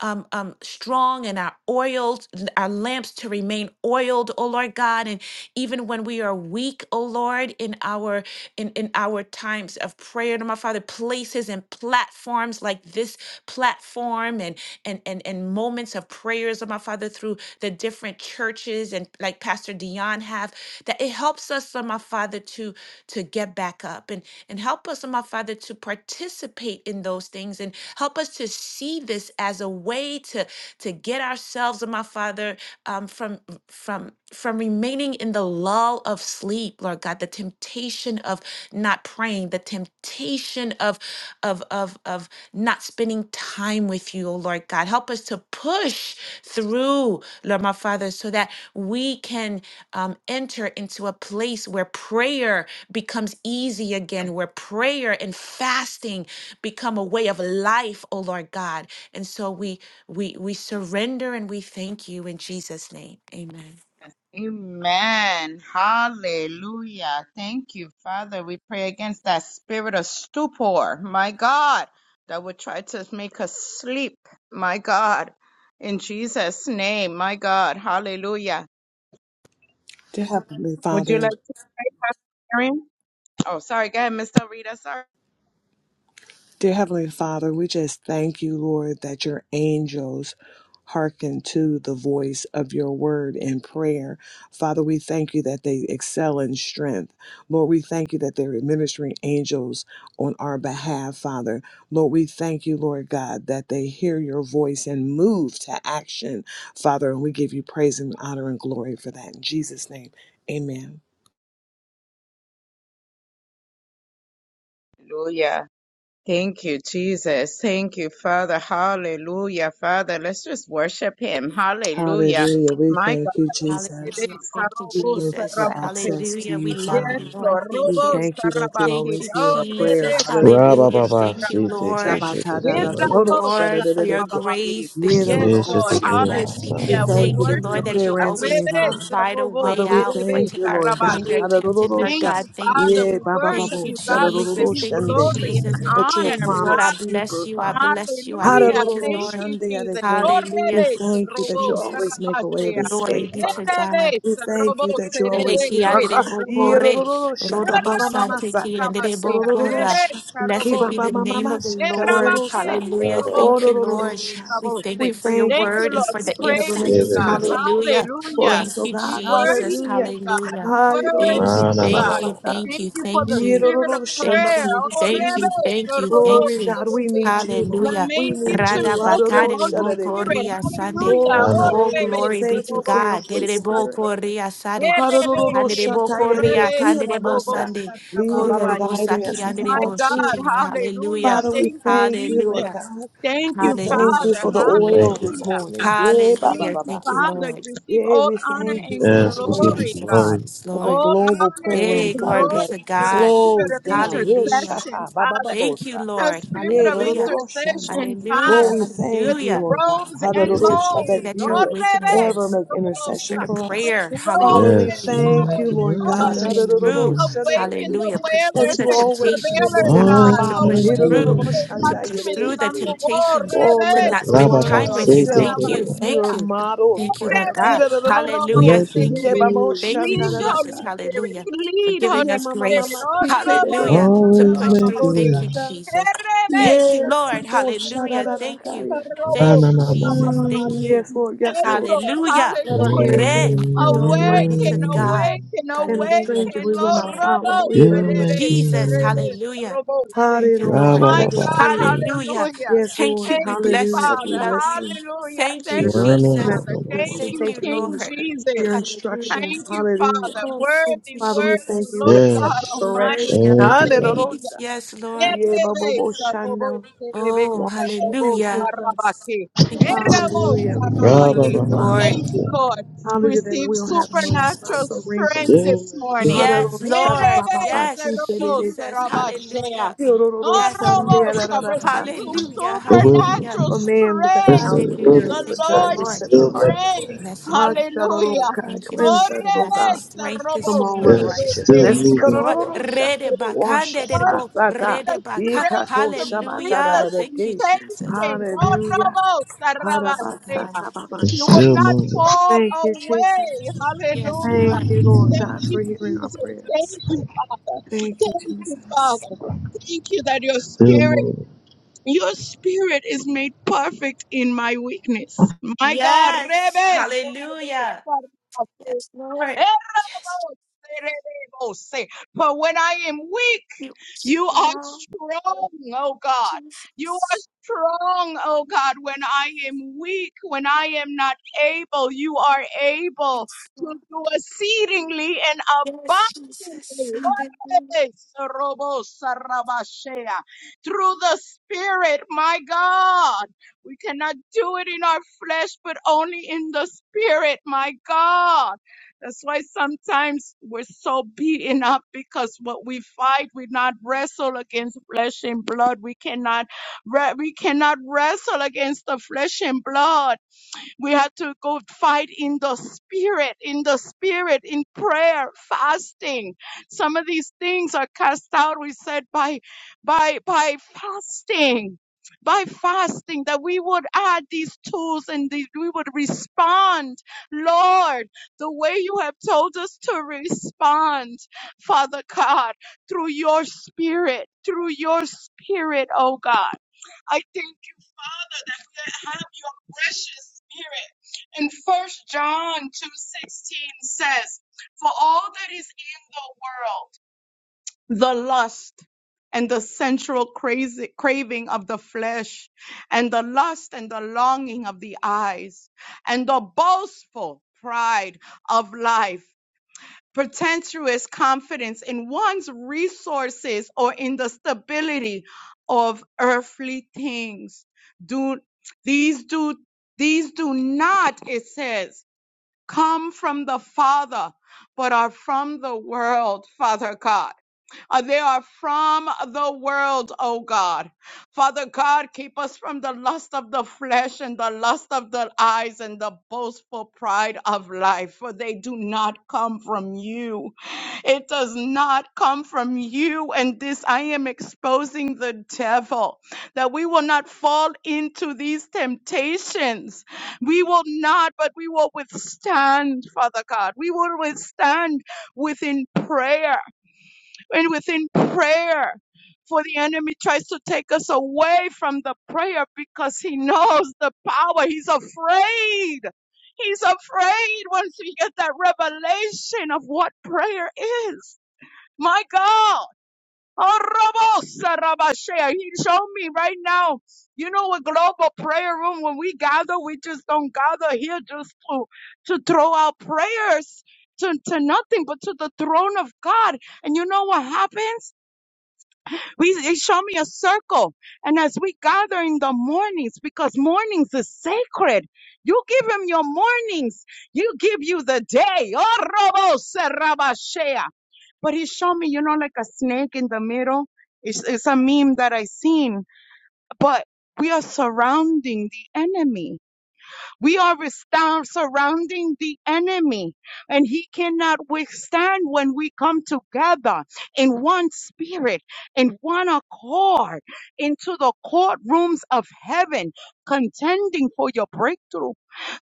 [SPEAKER 6] um, um, strong and our oils, our lamps to remain oiled, O Lord God. And even when we are weak, O Lord, in our in, in our times of prayer to my Father, places and platforms like this platform and and and, and moments of prayers of my Father through the different churches and like Pastor Dion have, that it helps us, Lord my Father, to to get back up. and. And help us, oh my Father, to participate in those things and help us to see this as a way to, to get ourselves, oh my Father, um, from from from remaining in the lull of sleep, Lord God, the temptation of not praying, the temptation of of of of not spending time with you, oh Lord God. Help us to push through, Lord my Father, so so that we can um, enter into a place where prayer becomes easy again, where prayer and fasting become a way of life, oh Lord God. And so we we we surrender and we thank you in Jesus' name. Amen.
[SPEAKER 1] Amen. Hallelujah. Thank you, Father. We pray against that spirit of stupor, my God, that would try to make us sleep, my God. In Jesus' name, my God. Hallelujah.
[SPEAKER 2] Dear Heavenly
[SPEAKER 1] Would you
[SPEAKER 2] Father,
[SPEAKER 1] like to pray, Pastor Miriam? Oh, sorry. Go ahead, Mr. Rita. Sorry.
[SPEAKER 2] Dear Heavenly Father, we just thank you, Lord, that your angels hearken to the voice of your word in prayer. Father, we thank you that they excel in strength. Lord, we thank you that they're ministering angels on our behalf, Father. Lord, we thank you, Lord God, that they hear your voice and move to action, Father. And we give you praise and honor and glory for that. In Jesus' name, amen.
[SPEAKER 1] Hallelujah. Thank you, Jesus. Thank you, Father. Hallelujah, Father. Let's just worship Him. Hallelujah.
[SPEAKER 2] Hallelujah. We
[SPEAKER 1] My
[SPEAKER 2] thank
[SPEAKER 1] God.
[SPEAKER 2] you, Jesus.
[SPEAKER 6] Hallelujah. Thank
[SPEAKER 2] We thank you
[SPEAKER 6] us.
[SPEAKER 2] for access to
[SPEAKER 6] Hallelujah.
[SPEAKER 2] you,
[SPEAKER 6] We love
[SPEAKER 1] Yes,
[SPEAKER 6] you,
[SPEAKER 2] Father.
[SPEAKER 6] Lord.
[SPEAKER 1] Lord.
[SPEAKER 6] Thank
[SPEAKER 2] We
[SPEAKER 1] Robo
[SPEAKER 6] you.
[SPEAKER 2] thank you that you
[SPEAKER 1] Sarabaki.
[SPEAKER 6] Thank
[SPEAKER 2] always
[SPEAKER 6] you.
[SPEAKER 2] hear
[SPEAKER 1] Oh,
[SPEAKER 2] our prayer.
[SPEAKER 1] Rebesa
[SPEAKER 6] Hallelujah.
[SPEAKER 1] Robo
[SPEAKER 2] Hallelujah.
[SPEAKER 4] Ra-ba-ba-ba,
[SPEAKER 6] Thank you,
[SPEAKER 4] she take
[SPEAKER 1] Shirabasia.
[SPEAKER 6] Lord.
[SPEAKER 4] it, she take it, it,
[SPEAKER 6] Thank you,
[SPEAKER 2] Shabatadadadadoro,
[SPEAKER 1] Robo
[SPEAKER 6] Lord, for your
[SPEAKER 2] shadadadadeke.
[SPEAKER 1] Sarabababali.
[SPEAKER 6] grace. Thank you.
[SPEAKER 1] Yes,
[SPEAKER 4] Yeah, she
[SPEAKER 1] Lord.
[SPEAKER 6] for
[SPEAKER 4] take
[SPEAKER 6] your
[SPEAKER 4] it, it,
[SPEAKER 2] Yedadadadadada.
[SPEAKER 6] mercy.
[SPEAKER 2] We
[SPEAKER 1] Hallelujah. We
[SPEAKER 2] thank you
[SPEAKER 6] Thank you,
[SPEAKER 2] that you're a
[SPEAKER 1] worship
[SPEAKER 6] Lord,
[SPEAKER 1] you.
[SPEAKER 6] that you
[SPEAKER 2] prayer
[SPEAKER 1] God.
[SPEAKER 6] always
[SPEAKER 2] answering God.
[SPEAKER 1] Rebesa
[SPEAKER 6] provide a
[SPEAKER 1] Robo
[SPEAKER 2] Father,
[SPEAKER 6] way
[SPEAKER 2] we
[SPEAKER 6] out for
[SPEAKER 2] thank
[SPEAKER 6] to
[SPEAKER 2] you,
[SPEAKER 1] Shirebesa
[SPEAKER 6] our
[SPEAKER 2] Lord God.
[SPEAKER 6] when we are
[SPEAKER 1] Rabaye.
[SPEAKER 6] tempted, Lord
[SPEAKER 1] Thank
[SPEAKER 2] Adadadadosha.
[SPEAKER 1] you,
[SPEAKER 6] God. Thank
[SPEAKER 1] Father.
[SPEAKER 6] you.
[SPEAKER 1] We
[SPEAKER 2] Yeah,
[SPEAKER 1] worship
[SPEAKER 6] Thank you,
[SPEAKER 2] babababo,
[SPEAKER 1] you, God. We give
[SPEAKER 6] Jesus.
[SPEAKER 1] you
[SPEAKER 6] Thank you,
[SPEAKER 2] sadadadadoshandeke.
[SPEAKER 1] glory and
[SPEAKER 6] Jesus.
[SPEAKER 2] That you're a
[SPEAKER 6] Thank you, Lord. I
[SPEAKER 1] honor.
[SPEAKER 2] promise
[SPEAKER 6] bless
[SPEAKER 2] keeper,
[SPEAKER 6] you. I
[SPEAKER 2] Father.
[SPEAKER 6] bless you. I
[SPEAKER 1] Hallelujah.
[SPEAKER 6] thank you,
[SPEAKER 1] Thank
[SPEAKER 6] Lord.
[SPEAKER 1] you, Jesus.
[SPEAKER 2] Hadadadadoshandeyadeke.
[SPEAKER 6] Hallelujah.
[SPEAKER 2] We
[SPEAKER 1] Correbes,
[SPEAKER 6] Thank you,
[SPEAKER 2] thank you that you
[SPEAKER 1] robos,
[SPEAKER 6] Jesus.
[SPEAKER 2] always make a way of
[SPEAKER 1] rabasea.
[SPEAKER 6] Glory
[SPEAKER 2] escape,
[SPEAKER 6] be to
[SPEAKER 2] Father.
[SPEAKER 6] God.
[SPEAKER 1] Erebes,
[SPEAKER 2] We thank you
[SPEAKER 1] robos,
[SPEAKER 2] that you always
[SPEAKER 6] Eki
[SPEAKER 2] hear our
[SPEAKER 1] erebeques,
[SPEAKER 2] cry.
[SPEAKER 6] andere
[SPEAKER 1] robos.
[SPEAKER 6] bokore,
[SPEAKER 2] Yedadadadosha,
[SPEAKER 6] rodobo
[SPEAKER 1] Ramos,
[SPEAKER 6] sante ki andere
[SPEAKER 1] rabasea.
[SPEAKER 6] bokora.
[SPEAKER 2] tabababamasa.
[SPEAKER 1] Rebes,
[SPEAKER 6] Blessed
[SPEAKER 1] robos.
[SPEAKER 6] be
[SPEAKER 2] Kibaba
[SPEAKER 6] the
[SPEAKER 2] mama
[SPEAKER 6] name of the
[SPEAKER 2] masha,
[SPEAKER 6] Lord.
[SPEAKER 2] tarororosa,
[SPEAKER 1] Errabaques,
[SPEAKER 4] Na
[SPEAKER 6] Hallelujah.
[SPEAKER 4] na na na
[SPEAKER 1] robos,
[SPEAKER 6] Thank
[SPEAKER 4] na
[SPEAKER 6] you,
[SPEAKER 1] erebes,
[SPEAKER 6] Lord.
[SPEAKER 2] orororosha.
[SPEAKER 6] We
[SPEAKER 1] robos.
[SPEAKER 6] thank
[SPEAKER 2] We
[SPEAKER 6] you for your
[SPEAKER 2] thank you,
[SPEAKER 1] Thank you,
[SPEAKER 6] word and
[SPEAKER 1] Lord.
[SPEAKER 6] for
[SPEAKER 2] Jesus,
[SPEAKER 1] We
[SPEAKER 6] the
[SPEAKER 2] forever
[SPEAKER 1] praise
[SPEAKER 4] yeah,
[SPEAKER 1] you,
[SPEAKER 2] making
[SPEAKER 6] insights.
[SPEAKER 4] yeah,
[SPEAKER 1] God.
[SPEAKER 4] yeah, yeah.
[SPEAKER 2] intercession
[SPEAKER 6] Hallelujah.
[SPEAKER 2] for
[SPEAKER 1] Hallelujah.
[SPEAKER 2] us,
[SPEAKER 6] Thank
[SPEAKER 2] oh
[SPEAKER 6] you,
[SPEAKER 1] We
[SPEAKER 2] God.
[SPEAKER 6] Jesus.
[SPEAKER 1] worship you,
[SPEAKER 2] Hallelujah.
[SPEAKER 1] God.
[SPEAKER 6] Hallelujah.
[SPEAKER 1] We
[SPEAKER 2] Hallelujah.
[SPEAKER 6] Thank you.
[SPEAKER 1] worship
[SPEAKER 4] Nah,
[SPEAKER 1] you,
[SPEAKER 4] nah, nah,
[SPEAKER 2] mama
[SPEAKER 4] nah,
[SPEAKER 6] Thank
[SPEAKER 1] God.
[SPEAKER 4] nah.
[SPEAKER 6] you.
[SPEAKER 2] mata.
[SPEAKER 6] Thank
[SPEAKER 1] Thank
[SPEAKER 6] you.
[SPEAKER 1] you for the
[SPEAKER 6] Thank you.
[SPEAKER 1] spirit of
[SPEAKER 2] Irororosha,
[SPEAKER 6] Thank
[SPEAKER 1] prayer.
[SPEAKER 2] mama
[SPEAKER 6] you,
[SPEAKER 1] Oh,
[SPEAKER 6] thank
[SPEAKER 2] masi.
[SPEAKER 6] you, thank you, thank
[SPEAKER 2] Glory,
[SPEAKER 6] you.
[SPEAKER 2] God, we
[SPEAKER 1] Rebbe,
[SPEAKER 2] need you,
[SPEAKER 1] the
[SPEAKER 2] Lord.
[SPEAKER 6] Hallelujah.
[SPEAKER 2] We
[SPEAKER 1] main
[SPEAKER 2] need
[SPEAKER 6] Rada
[SPEAKER 2] you.
[SPEAKER 1] intercessor,
[SPEAKER 2] Hallelujah.
[SPEAKER 6] bakare de
[SPEAKER 1] Holy
[SPEAKER 6] boko
[SPEAKER 2] Rereki.
[SPEAKER 1] Spirit.
[SPEAKER 6] ria sande.
[SPEAKER 4] Nah,
[SPEAKER 1] Hallelujah.
[SPEAKER 2] Oh,
[SPEAKER 4] nah,
[SPEAKER 1] Oh,
[SPEAKER 4] nah.
[SPEAKER 6] Oh,
[SPEAKER 2] hallelujah. We
[SPEAKER 1] baby.
[SPEAKER 6] glory be
[SPEAKER 1] So,
[SPEAKER 2] thank
[SPEAKER 1] go,
[SPEAKER 6] to
[SPEAKER 2] you for
[SPEAKER 1] go.
[SPEAKER 2] your
[SPEAKER 6] God.
[SPEAKER 2] Holy
[SPEAKER 6] Dede de
[SPEAKER 2] Spirit.
[SPEAKER 6] boko ria sade.
[SPEAKER 2] Hallelujah.
[SPEAKER 6] Kanderebo Korea,
[SPEAKER 2] Rereki,
[SPEAKER 6] Kanderebo
[SPEAKER 2] mamanda.
[SPEAKER 6] Sunday,
[SPEAKER 2] Leading and
[SPEAKER 6] Kororobo
[SPEAKER 2] guiding
[SPEAKER 6] Saki,
[SPEAKER 2] us into
[SPEAKER 1] My
[SPEAKER 2] all
[SPEAKER 6] Andebo
[SPEAKER 2] truth.
[SPEAKER 1] God,
[SPEAKER 6] Shiki. Hallelujah.
[SPEAKER 1] hallelujah.
[SPEAKER 2] Father, we
[SPEAKER 1] Thank you,
[SPEAKER 2] thank you, Lord
[SPEAKER 1] Jesus.
[SPEAKER 6] Hallelujah.
[SPEAKER 2] God.
[SPEAKER 1] Thank
[SPEAKER 2] We
[SPEAKER 1] you,
[SPEAKER 2] thank
[SPEAKER 6] Hallelujah.
[SPEAKER 2] you
[SPEAKER 1] Father.
[SPEAKER 2] for
[SPEAKER 6] Thank
[SPEAKER 2] the
[SPEAKER 6] you,
[SPEAKER 2] oil
[SPEAKER 6] Lord.
[SPEAKER 4] Thank you.
[SPEAKER 2] this
[SPEAKER 1] Hallelujah.
[SPEAKER 2] morning. Yeah, ba ba
[SPEAKER 1] Thank
[SPEAKER 6] Hallelujah.
[SPEAKER 2] ba
[SPEAKER 1] you,
[SPEAKER 2] ba.
[SPEAKER 6] Thank you,
[SPEAKER 2] sa.
[SPEAKER 1] Father.
[SPEAKER 6] Lord.
[SPEAKER 1] Receive
[SPEAKER 2] Yeah,
[SPEAKER 1] all
[SPEAKER 2] we
[SPEAKER 1] honor
[SPEAKER 2] thank
[SPEAKER 6] Mm.
[SPEAKER 2] you
[SPEAKER 1] and
[SPEAKER 2] for the
[SPEAKER 6] Thank
[SPEAKER 4] Yes,
[SPEAKER 6] you,
[SPEAKER 4] we
[SPEAKER 2] oil
[SPEAKER 4] give you
[SPEAKER 1] glory,
[SPEAKER 6] Jesus.
[SPEAKER 1] God.
[SPEAKER 4] glory.
[SPEAKER 6] Yes,
[SPEAKER 2] of the
[SPEAKER 6] Lord.
[SPEAKER 1] All
[SPEAKER 2] global
[SPEAKER 1] honor
[SPEAKER 2] prayer
[SPEAKER 1] and
[SPEAKER 2] room,
[SPEAKER 6] Hey, glory
[SPEAKER 2] Father,
[SPEAKER 6] be
[SPEAKER 2] that
[SPEAKER 6] to
[SPEAKER 1] glory for a
[SPEAKER 6] God.
[SPEAKER 1] spirit
[SPEAKER 2] flows
[SPEAKER 1] of
[SPEAKER 2] down. Yes,
[SPEAKER 6] Hallelujah.
[SPEAKER 1] intercession,
[SPEAKER 2] shata, ba ba
[SPEAKER 1] Father
[SPEAKER 2] ba
[SPEAKER 6] Thank you,
[SPEAKER 2] bosa.
[SPEAKER 1] the
[SPEAKER 6] Lord.
[SPEAKER 1] spirit
[SPEAKER 2] Yeah,
[SPEAKER 1] of
[SPEAKER 2] do do do
[SPEAKER 6] Hallelujah.
[SPEAKER 2] do, shanda.
[SPEAKER 1] intercession,
[SPEAKER 6] Hallelujah.
[SPEAKER 2] Lord,
[SPEAKER 1] Father,
[SPEAKER 2] we
[SPEAKER 1] with
[SPEAKER 2] thank you,
[SPEAKER 6] Hallelujah.
[SPEAKER 2] Lord God,
[SPEAKER 1] groans and
[SPEAKER 6] Hallelujah.
[SPEAKER 2] hallelujah,
[SPEAKER 6] Thank you
[SPEAKER 2] that
[SPEAKER 1] moans.
[SPEAKER 6] that you're
[SPEAKER 1] Oh,
[SPEAKER 2] you
[SPEAKER 6] awakening
[SPEAKER 2] ever
[SPEAKER 6] us.
[SPEAKER 2] make
[SPEAKER 6] Just for The
[SPEAKER 2] intercession
[SPEAKER 6] spirit
[SPEAKER 2] for
[SPEAKER 6] of
[SPEAKER 2] us.
[SPEAKER 1] With
[SPEAKER 6] prayer.
[SPEAKER 2] Father,
[SPEAKER 1] groans
[SPEAKER 6] Hallelujah.
[SPEAKER 2] we
[SPEAKER 1] and
[SPEAKER 4] Yes,
[SPEAKER 6] Thank
[SPEAKER 4] you
[SPEAKER 6] you,
[SPEAKER 2] thank
[SPEAKER 4] make
[SPEAKER 2] you,
[SPEAKER 6] Lord.
[SPEAKER 1] moans,
[SPEAKER 4] a
[SPEAKER 2] Lord
[SPEAKER 6] To
[SPEAKER 4] way.
[SPEAKER 2] God,
[SPEAKER 1] Father.
[SPEAKER 6] push
[SPEAKER 2] hallelujah,
[SPEAKER 6] through.
[SPEAKER 2] that
[SPEAKER 1] Awaken
[SPEAKER 2] you
[SPEAKER 1] the
[SPEAKER 6] Hallelujah. Push
[SPEAKER 2] that
[SPEAKER 6] through
[SPEAKER 1] wailers
[SPEAKER 2] you
[SPEAKER 6] the
[SPEAKER 1] and
[SPEAKER 2] always did
[SPEAKER 6] temptations
[SPEAKER 2] the
[SPEAKER 6] to
[SPEAKER 1] travailers,
[SPEAKER 2] will
[SPEAKER 6] not
[SPEAKER 2] of the
[SPEAKER 6] pray,
[SPEAKER 1] God.
[SPEAKER 6] to
[SPEAKER 4] Always
[SPEAKER 2] Father.
[SPEAKER 6] push
[SPEAKER 4] make a
[SPEAKER 6] through,
[SPEAKER 1] Awaken
[SPEAKER 2] Hallelujah,
[SPEAKER 4] way.
[SPEAKER 1] the
[SPEAKER 6] to
[SPEAKER 2] shanda, yeah,
[SPEAKER 6] push
[SPEAKER 2] it
[SPEAKER 1] watchmen
[SPEAKER 6] through
[SPEAKER 2] is
[SPEAKER 6] the
[SPEAKER 1] on
[SPEAKER 2] too.
[SPEAKER 1] the wall.
[SPEAKER 6] temptations
[SPEAKER 2] Oh,
[SPEAKER 6] to
[SPEAKER 2] let
[SPEAKER 1] Rebe,
[SPEAKER 2] us
[SPEAKER 6] not
[SPEAKER 4] Ra,
[SPEAKER 6] spend
[SPEAKER 4] ba, ba.
[SPEAKER 2] align
[SPEAKER 6] time with you.
[SPEAKER 4] Say, take
[SPEAKER 2] ourselves
[SPEAKER 6] Thank
[SPEAKER 4] it.
[SPEAKER 6] you.
[SPEAKER 2] with your
[SPEAKER 6] Thank you.
[SPEAKER 2] model of
[SPEAKER 6] Thank you, Lord
[SPEAKER 2] prayer.
[SPEAKER 6] God.
[SPEAKER 2] Hallelujah.
[SPEAKER 4] You
[SPEAKER 6] Hallelujah.
[SPEAKER 4] make a
[SPEAKER 6] Thank
[SPEAKER 2] Yeah,
[SPEAKER 6] you.
[SPEAKER 2] Babo
[SPEAKER 4] way.
[SPEAKER 6] Thank you,
[SPEAKER 1] Lead,
[SPEAKER 6] Jesus.
[SPEAKER 1] Holy
[SPEAKER 2] Shandaraka.
[SPEAKER 1] Spirit.
[SPEAKER 6] Hallelujah. For
[SPEAKER 1] Lead,
[SPEAKER 6] giving
[SPEAKER 2] Yeah,
[SPEAKER 1] Holy
[SPEAKER 6] us
[SPEAKER 2] mama,
[SPEAKER 1] Spirit.
[SPEAKER 2] mama,
[SPEAKER 6] grace.
[SPEAKER 1] Oh,
[SPEAKER 2] kite de de de.
[SPEAKER 6] Hallelujah. To
[SPEAKER 4] Always
[SPEAKER 6] push
[SPEAKER 4] make
[SPEAKER 6] through.
[SPEAKER 4] a
[SPEAKER 6] Thank you,
[SPEAKER 4] way.
[SPEAKER 2] Boshanda.
[SPEAKER 6] Jesus. Thank you,
[SPEAKER 2] Yes,
[SPEAKER 6] Lord.
[SPEAKER 2] Ibo
[SPEAKER 6] Hallelujah. Thank you.
[SPEAKER 2] Shadaraya.
[SPEAKER 4] Nah,
[SPEAKER 6] Thank
[SPEAKER 4] nah,
[SPEAKER 6] you,
[SPEAKER 4] nah, nah, nah,
[SPEAKER 6] Jesus.
[SPEAKER 4] nah. Say,
[SPEAKER 2] Mm,
[SPEAKER 6] Thank you.
[SPEAKER 2] yes, Lord, yes,
[SPEAKER 1] Yes,
[SPEAKER 2] Lord.
[SPEAKER 1] Lord.
[SPEAKER 6] Hallelujah.
[SPEAKER 2] Let our ears
[SPEAKER 1] Hallelujah.
[SPEAKER 4] oh,
[SPEAKER 2] be
[SPEAKER 6] Re.
[SPEAKER 2] in tune
[SPEAKER 6] Glory
[SPEAKER 2] to your
[SPEAKER 6] glory be to
[SPEAKER 1] Awaken,
[SPEAKER 2] voice,
[SPEAKER 6] God.
[SPEAKER 1] awaken,
[SPEAKER 2] and a
[SPEAKER 6] Hallelujah.
[SPEAKER 2] stranger
[SPEAKER 1] awaken,
[SPEAKER 2] we
[SPEAKER 6] Thank
[SPEAKER 2] will
[SPEAKER 6] you,
[SPEAKER 1] Lord.
[SPEAKER 2] not
[SPEAKER 6] Lord.
[SPEAKER 1] Robo,
[SPEAKER 2] follow.
[SPEAKER 4] you
[SPEAKER 2] Ido-do-do.
[SPEAKER 1] serebe,
[SPEAKER 4] make a
[SPEAKER 6] Jesus.
[SPEAKER 1] serebe,
[SPEAKER 4] way.
[SPEAKER 6] Hallelujah.
[SPEAKER 1] robo, se.
[SPEAKER 6] Thank you,
[SPEAKER 2] Hallelujah.
[SPEAKER 4] Ra,
[SPEAKER 6] Lord.
[SPEAKER 4] ba,
[SPEAKER 1] My
[SPEAKER 4] ba, ba.
[SPEAKER 1] God,
[SPEAKER 2] Shadadiki.
[SPEAKER 4] Say,
[SPEAKER 6] Hallelujah.
[SPEAKER 1] hallelujah.
[SPEAKER 2] Yes,
[SPEAKER 6] Thank
[SPEAKER 2] Lord,
[SPEAKER 6] you. We
[SPEAKER 1] Thank you,
[SPEAKER 6] bless
[SPEAKER 2] hallelujah. As
[SPEAKER 6] you. We
[SPEAKER 2] we
[SPEAKER 1] Father.
[SPEAKER 6] love you.
[SPEAKER 2] listen
[SPEAKER 1] Hallelujah.
[SPEAKER 2] to
[SPEAKER 6] Thank
[SPEAKER 1] Thank
[SPEAKER 6] you,
[SPEAKER 2] your
[SPEAKER 4] nah,
[SPEAKER 1] you,
[SPEAKER 4] nah,
[SPEAKER 2] direction, as
[SPEAKER 4] nah,
[SPEAKER 6] Jesus.
[SPEAKER 1] Father.
[SPEAKER 4] nah,
[SPEAKER 2] we
[SPEAKER 4] nah, nah.
[SPEAKER 1] Thank
[SPEAKER 2] listen,
[SPEAKER 1] you,
[SPEAKER 6] Thank
[SPEAKER 2] take
[SPEAKER 6] you,
[SPEAKER 1] King
[SPEAKER 2] heed
[SPEAKER 6] Lord.
[SPEAKER 2] to your
[SPEAKER 1] Jesus.
[SPEAKER 6] Hallelujah.
[SPEAKER 2] instructions.
[SPEAKER 1] Thank you,
[SPEAKER 2] Hallelujah.
[SPEAKER 1] Father.
[SPEAKER 6] Oh, thank
[SPEAKER 1] Worthy,
[SPEAKER 6] you,
[SPEAKER 2] Father, we
[SPEAKER 1] worthy,
[SPEAKER 2] thank
[SPEAKER 6] Jesus.
[SPEAKER 2] you. We
[SPEAKER 1] Lord
[SPEAKER 2] accept
[SPEAKER 1] God
[SPEAKER 2] the
[SPEAKER 4] Yes.
[SPEAKER 6] You're worthy
[SPEAKER 2] correction.
[SPEAKER 6] of the
[SPEAKER 4] Thank you, Father.
[SPEAKER 2] Hallelujah.
[SPEAKER 1] Almighty.
[SPEAKER 6] praise. Yes, Lord.
[SPEAKER 2] Yeah,
[SPEAKER 1] Erebe
[SPEAKER 2] Bobo
[SPEAKER 1] sarobo
[SPEAKER 2] Shanda.
[SPEAKER 6] Oh,
[SPEAKER 2] Wash us,
[SPEAKER 6] hallelujah.
[SPEAKER 2] cleanse us.
[SPEAKER 6] Thank you, Lord.
[SPEAKER 2] Hallelujah, with your
[SPEAKER 4] Ra,
[SPEAKER 6] Thank
[SPEAKER 4] ba,
[SPEAKER 2] word,
[SPEAKER 6] you,
[SPEAKER 4] ba, ba,
[SPEAKER 2] Father.
[SPEAKER 6] Lord.
[SPEAKER 1] Thank you,
[SPEAKER 4] ba.
[SPEAKER 1] Lord.
[SPEAKER 2] Hallelujah,
[SPEAKER 6] Mm.
[SPEAKER 2] that
[SPEAKER 1] Receive
[SPEAKER 2] we'll
[SPEAKER 6] Thank
[SPEAKER 2] have
[SPEAKER 6] you,
[SPEAKER 2] no spots
[SPEAKER 6] Jesus.
[SPEAKER 1] supernatural
[SPEAKER 2] or
[SPEAKER 1] strength
[SPEAKER 2] wrinkles.
[SPEAKER 4] Still
[SPEAKER 1] this morning.
[SPEAKER 6] Yes,
[SPEAKER 2] Hallelujah,
[SPEAKER 4] making
[SPEAKER 6] Lord.
[SPEAKER 1] Erebe
[SPEAKER 2] shabba-ba-ba-ba,
[SPEAKER 6] Yes,
[SPEAKER 2] dee-dee-dee-dee,
[SPEAKER 1] sarobo
[SPEAKER 6] Jesus.
[SPEAKER 4] ways.
[SPEAKER 6] Hallelujah.
[SPEAKER 2] dee-do-do-do,
[SPEAKER 6] Yes, Lord.
[SPEAKER 1] Receive
[SPEAKER 2] shan-dee-da-da-da-da-ba-san.
[SPEAKER 6] Hallelujah.
[SPEAKER 4] The wilderness,
[SPEAKER 6] Hallelujah.
[SPEAKER 1] supernatural
[SPEAKER 2] For man look at the
[SPEAKER 1] strength.
[SPEAKER 4] the
[SPEAKER 2] outward
[SPEAKER 6] Hallelujah.
[SPEAKER 2] appearance,
[SPEAKER 1] The
[SPEAKER 2] but
[SPEAKER 4] wilderness,
[SPEAKER 6] Thank you,
[SPEAKER 4] God,
[SPEAKER 2] God
[SPEAKER 4] is
[SPEAKER 2] looks
[SPEAKER 1] Lord's
[SPEAKER 6] Lord.
[SPEAKER 2] at the
[SPEAKER 4] still
[SPEAKER 2] heart.
[SPEAKER 4] making
[SPEAKER 1] strength.
[SPEAKER 4] ways.
[SPEAKER 6] Blessed
[SPEAKER 2] Hush,
[SPEAKER 6] be.
[SPEAKER 2] oh
[SPEAKER 1] Hallelujah.
[SPEAKER 2] God,
[SPEAKER 6] Thank you for
[SPEAKER 2] cleanse us, O
[SPEAKER 1] Orebe
[SPEAKER 6] supernatural
[SPEAKER 2] God,
[SPEAKER 6] strength
[SPEAKER 2] from
[SPEAKER 6] this
[SPEAKER 2] all
[SPEAKER 6] morning.
[SPEAKER 4] Yes, it's still
[SPEAKER 2] unrighteousness.
[SPEAKER 6] Thank you,
[SPEAKER 4] moving,
[SPEAKER 6] Lord.
[SPEAKER 4] God.
[SPEAKER 2] Ka-do-do-do-do-sha.
[SPEAKER 6] Rede
[SPEAKER 2] Wash
[SPEAKER 6] bakande
[SPEAKER 2] us,
[SPEAKER 6] de
[SPEAKER 2] ha
[SPEAKER 6] bo-
[SPEAKER 1] the
[SPEAKER 2] sa da
[SPEAKER 6] rede
[SPEAKER 2] dee
[SPEAKER 6] baka.
[SPEAKER 1] strength to resist the
[SPEAKER 6] Hallelujah. Thank you,
[SPEAKER 2] dee-ka-to-shabba-ta-da-da-da-dee.
[SPEAKER 6] Jesus.
[SPEAKER 1] temptation. God,
[SPEAKER 2] Hallelujah.
[SPEAKER 1] Ramos,
[SPEAKER 6] Glory to God.
[SPEAKER 1] Sarabasea.
[SPEAKER 4] It's
[SPEAKER 1] You
[SPEAKER 2] Harabasatababarashan.
[SPEAKER 1] will
[SPEAKER 4] still
[SPEAKER 1] not
[SPEAKER 4] moving.
[SPEAKER 1] fall
[SPEAKER 2] Thank you,
[SPEAKER 1] away.
[SPEAKER 2] Jesus.
[SPEAKER 6] Yes,
[SPEAKER 1] Hallelujah.
[SPEAKER 6] Lord.
[SPEAKER 2] Thank you, Lord
[SPEAKER 1] Thank
[SPEAKER 2] God,
[SPEAKER 1] you,
[SPEAKER 2] for hearing our
[SPEAKER 1] Jesus.
[SPEAKER 2] prayers.
[SPEAKER 1] Thank you, Father.
[SPEAKER 2] Thank you,
[SPEAKER 1] Thank you,
[SPEAKER 2] Jesus.
[SPEAKER 1] Father. Thank you that your
[SPEAKER 4] Still.
[SPEAKER 1] spirit, your spirit is made perfect in my weakness. My God,
[SPEAKER 6] Yes.
[SPEAKER 1] Rebes.
[SPEAKER 6] Hallelujah. Yes, Lord. Yes.
[SPEAKER 1] For when I am weak,
[SPEAKER 6] You are so
[SPEAKER 1] you are strong, oh God. You are
[SPEAKER 6] Jesus.
[SPEAKER 1] strong, oh God. When I am weak, when I am not able, you are able
[SPEAKER 6] Yes,
[SPEAKER 1] to
[SPEAKER 6] Lord.
[SPEAKER 1] do exceedingly and abundantly.
[SPEAKER 6] Yes, Jesus. Hallelujah.
[SPEAKER 1] Through the Spirit, my God. We cannot do it in our flesh, but only in the Spirit, my God. That's why sometimes we're so beaten up because what we fight, we not wrestle against flesh and blood. We cannot, re- we cannot wrestle against the flesh and blood we had to go fight in the spirit, in the spirit, in prayer, fasting. Some of these things are cast out, we said, by by by fasting. By fasting, that we would add these tools and the- we would respond, Lord, the way you have told us to respond, Father God, through your spirit, through your spirit, oh God. I thank you, Father, that we have your precious spirit. And First John 2:16 says, "For all that is in the world, the lust and the sensual crazy, craving of the flesh, and the lust and the longing of the eyes, and the boastful pride of life." pretentious confidence in one's resources or in the stability of earthly things. Do these do these do not, it says, come from the Father, but are from the world, Father God. Uh, They are from the world, oh God. Father God, keep us from the lust of the flesh and the lust of the eyes and the boastful pride of life, for they do not come from you. It does not come from you. And this, I am exposing the devil that we will not fall into these temptations. We will not, but we will withstand, Father God. We will withstand within prayer and within prayer. For the enemy tries to take us away from the prayer because he knows the power. He's afraid. He's afraid once we get that revelation of what prayer is. My God. Arabosarabashea. He showed me right now. You know, a global prayer room, when we gather, we just don't gather here just to, to throw out prayers to, to nothing but to the throne of God. And you know what happens? We he showed me a circle. And as we gather in the mornings, because mornings is sacred, you give him your mornings. You give you the day. Oh, robo serabashea. But he showed me, you know, like a snake in the middle. It's, it's a meme that I seen. But we are surrounding the enemy. We are restound, surrounding the enemy, and he cannot withstand when we come together in one spirit, in one accord, into the courtrooms of heaven, contending for your breakthrough,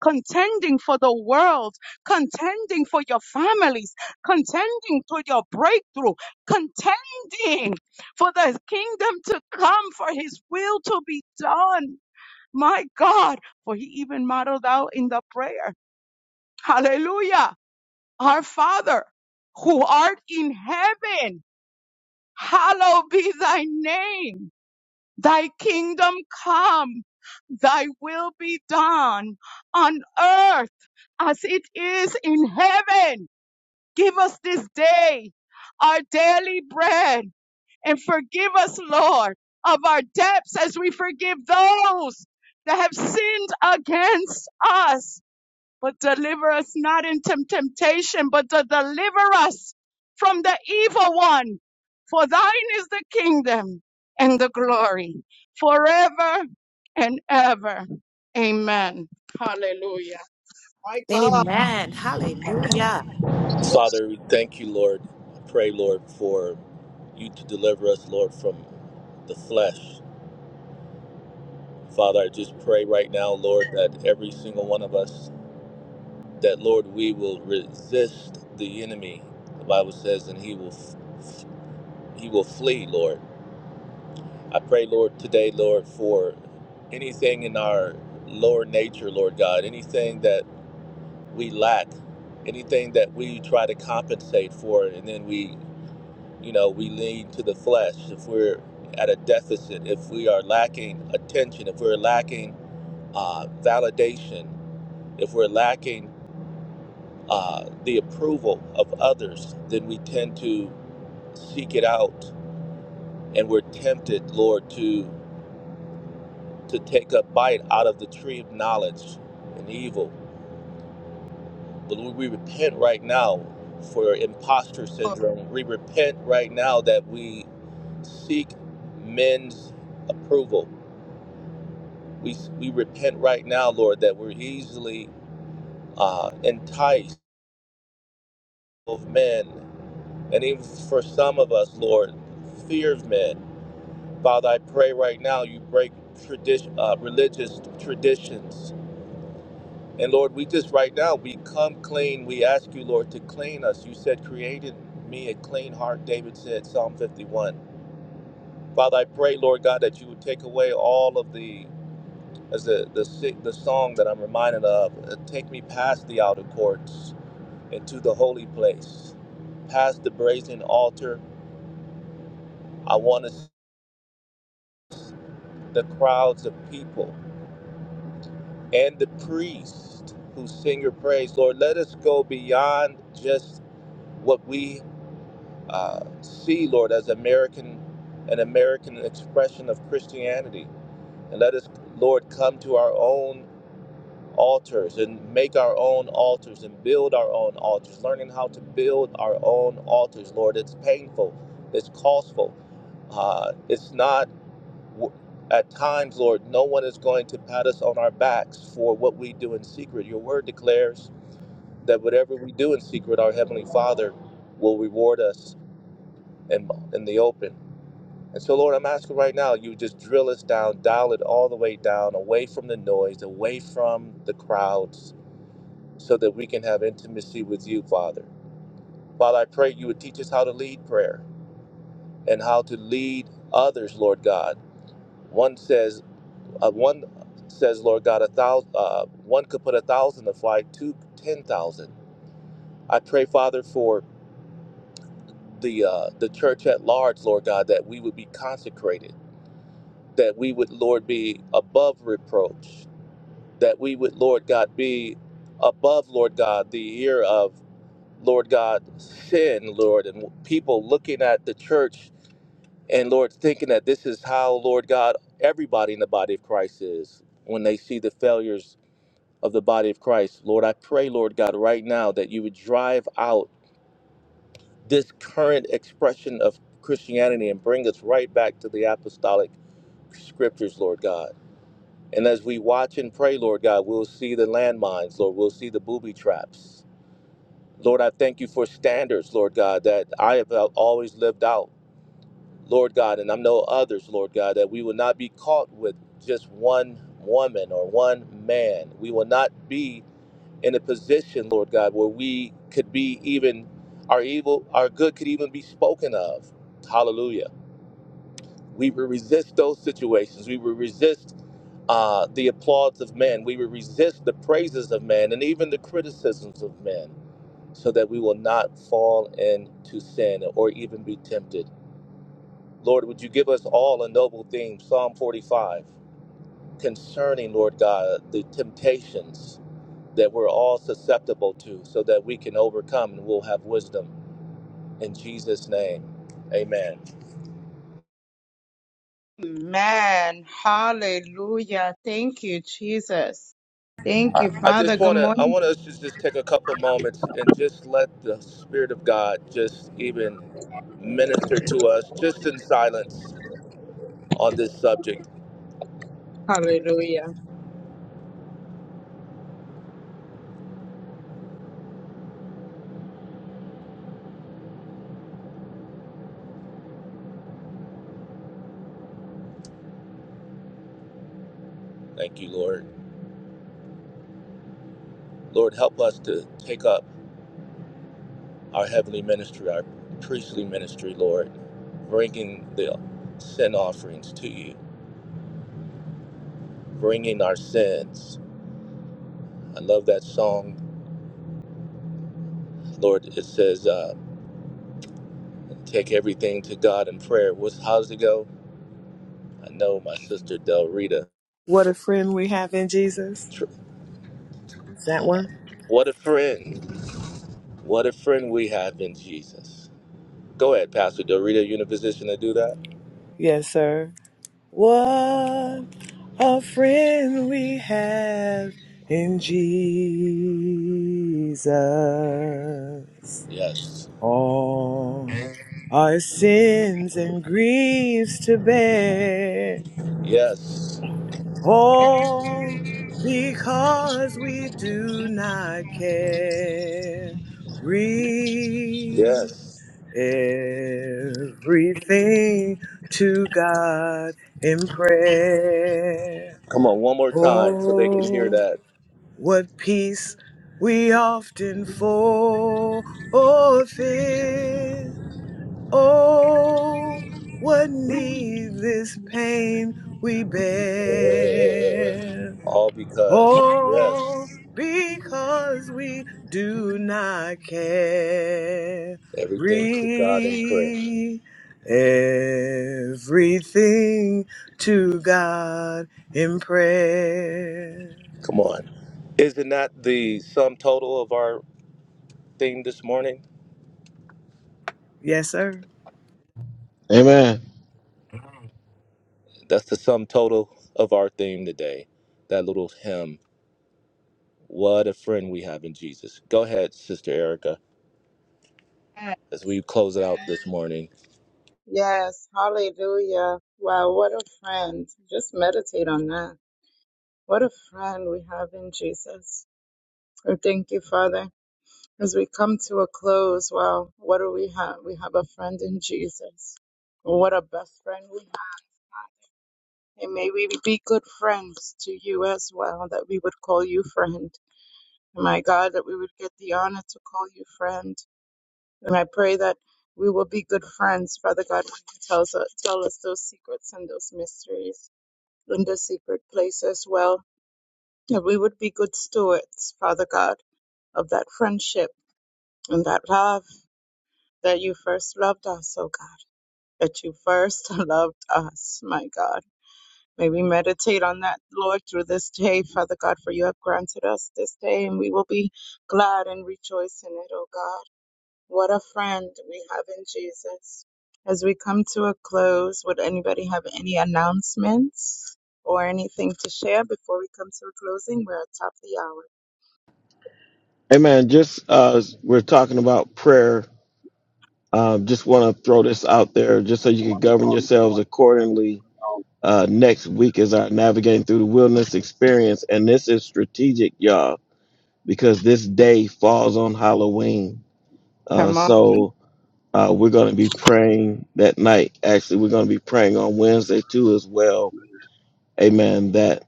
[SPEAKER 1] contending for the world, contending for your families, contending for your breakthrough, contending for the kingdom to come, for his will to be done. My God, for he even modeled out in the prayer. Hallelujah. Our Father who art in heaven, hallowed be thy name. Thy kingdom come, thy will be done on earth as it is in heaven. Give us this day our daily bread and forgive us, Lord, of our debts as we forgive those that have sinned against us but deliver us not into temptation, but to deliver us from the evil one. For thine is the kingdom and the glory forever and ever. Amen. Hallelujah. My God.
[SPEAKER 6] Amen. Hallelujah.
[SPEAKER 5] Father, we thank you, Lord. I pray, Lord, for you to deliver us, Lord, from the flesh. Father, I just pray right now, Lord, that every single one of us, that Lord, we will resist the enemy. The Bible, he will, he will flee, Lord. I pray, Lord, today, Lord, for anything in our lower nature, Lord God, anything that we lack, anything that we try to compensate for, and then we you know we lean to the flesh if we're at a deficit if we are lacking attention if we're lacking uh, validation if we're lacking uh, the approval of others then we tend to seek it out and we're tempted lord to to take a bite out of the tree of knowledge and evil but Lord, we repent right now for imposter syndrome we repent right now that we seek men's approval We, we repent right now, Lord, that we're easily uh, enticed of men. And even for some of us, Lord, fear of men. Father, I pray right now you break tradition, uh, religious traditions. And Lord, we just right now, we come clean. We ask you, Lord, to clean us. You said, created me a clean heart, David said, Psalm 51. Father, I pray, Lord God, that you would take away all of the, as the, the, si- the song that I'm reminded of, uh, take me past the outer courts into the holy place. Past the brazen altar, I want to see the crowds of people and the priests who sing your praise. Lord, let us go beyond just what we uh, see, Lord, as American, an American expression of Christianity. And let us, Lord, come to our own altars and make our own altars and build our own altars, learning how to build our own altars, Lord. It's painful, it's costful. Uh, it's not, at times, Lord, no one is going to pat us on our backs for what we do in secret. Your word declares that whatever we do in secret, our Heavenly Father will reward us in, in the open. And so, Lord, I'm asking right now, you just drill us down, dial it all the way down, away from the noise, away from the crowds, so that we can have intimacy with you, Father. Father, I pray you would teach us how to lead prayer and how to lead others, Lord God. One says, uh, one says, Lord God, a thousand. Uh, one could put a thousand to flight, two ten thousand. I pray, Father, for the uh, the church at large, Lord God, that we would be consecrated, that we would, Lord, be above reproach, that we would, Lord God, be above, Lord God, the ear of Lord God, sin, Lord, and people looking at the church and, Lord, thinking that this is how, Lord God, everybody in the body of Christ is when they see the failures of the body of Christ. Lord, I pray, Lord God, right now that you would drive out this current expression of Christianity and bring us right back to the apostolic scriptures, Lord God. And as we watch and pray, Lord God, we'll see the landmines, Lord. We'll see the booby traps. Lord, I thank you for standards, Lord God, that I have always lived out, Lord God, and I'm no others, Lord God, that we will not be caught with just one woman or one man. We will not be in a position, Lord God, where we could be even our evil, our good could even be spoken of. Hallelujah. We will resist those situations. We will resist uh, the applause of men. We will resist the praises of men and even the criticisms of men so that we will not fall into sin or even be tempted. Lord, would you give us all a noble theme, Psalm 45, concerning, Lord God, the temptations that we're all susceptible to so that we can overcome and we'll have wisdom. In Jesus' name, amen.
[SPEAKER 1] Man. Hallelujah. Thank you, Jesus. Thank you,
[SPEAKER 5] I
[SPEAKER 1] Father.
[SPEAKER 5] just
[SPEAKER 1] Good
[SPEAKER 5] want to, I
[SPEAKER 1] morning.
[SPEAKER 5] want us to just take a couple moments and just let the Spirit of God just even minister to us just in silence on this subject.
[SPEAKER 1] Hallelujah.
[SPEAKER 5] Thank you, Lord. Lord, help us to take up our heavenly ministry, our priestly ministry, Lord, bringing the sin offerings to you, bringing our sins. I love that song, Lord. It says, uh, "Take everything to God in prayer." What's how does it go? I know my sister Del Rita.
[SPEAKER 2] What a friend we have in Jesus.
[SPEAKER 5] Tr-
[SPEAKER 2] Is that one?
[SPEAKER 5] What a friend! What a friend we have in Jesus. Go ahead, Pastor Del Rita. You in a position to do that?
[SPEAKER 2] Yes, sir. What a friend we have in Jesus.
[SPEAKER 5] Yes.
[SPEAKER 2] All our sins and griefs to bear.
[SPEAKER 5] Yes.
[SPEAKER 2] All because we do not carry
[SPEAKER 5] Yes.
[SPEAKER 2] everything to God in prayer.
[SPEAKER 5] Come on, one more time so they can hear
[SPEAKER 2] Oh,
[SPEAKER 5] that.
[SPEAKER 2] what peace we often forfeit. Oh, what needless pain we
[SPEAKER 5] Yeah.
[SPEAKER 2] bear.
[SPEAKER 5] All because,
[SPEAKER 2] Oh,
[SPEAKER 5] yes,
[SPEAKER 2] because we do not carry
[SPEAKER 5] everything to God in prayer.
[SPEAKER 2] everything to God in prayer.
[SPEAKER 5] Come on. Isn't that the sum total of our theme this morning?
[SPEAKER 2] Yes, sir.
[SPEAKER 4] Amen.
[SPEAKER 5] That's the sum total of our theme today. That little hymn, What a Friend We Have in Jesus. Go ahead, Sister Erica, as we close it out this morning.
[SPEAKER 1] Yes. Hallelujah. Wow. What a friend. Just meditate on that. What a friend we have in Jesus. We thank you, Father. As we come to a close, wow, what do we have? We have a friend in Jesus. What a best friend we have. And may we be good friends to you as well, that we would call you friend. And my God, that we would get the honor to call you friend. And I pray that we will be good friends, Father God, when you tells us, tell us those secrets and those mysteries in the secret place as well. That we would be good stewards, Father God of that friendship and that love that you first loved us, oh God, that you first loved us, my God. May we meditate on that, Lord, through this day, Father God, for you have granted us this day, and we will be glad and rejoice in it, oh God. What a friend we have in Jesus. As we come to a close, would anybody have any announcements or anything to share before we come to a closing? We're at top of the hour.
[SPEAKER 4] Amen. Just uh, as we're talking about prayer. Um, just want to throw this out there, just so you can govern yourselves accordingly. Uh, next week is our navigating through the wilderness experience, and this is strategic, y'all. because this day falls on Halloween. Uh,
[SPEAKER 1] Come on.
[SPEAKER 4] so uh, we're going to be praying that night. Actually, we're going to be praying on Wednesday too, as well. Amen. That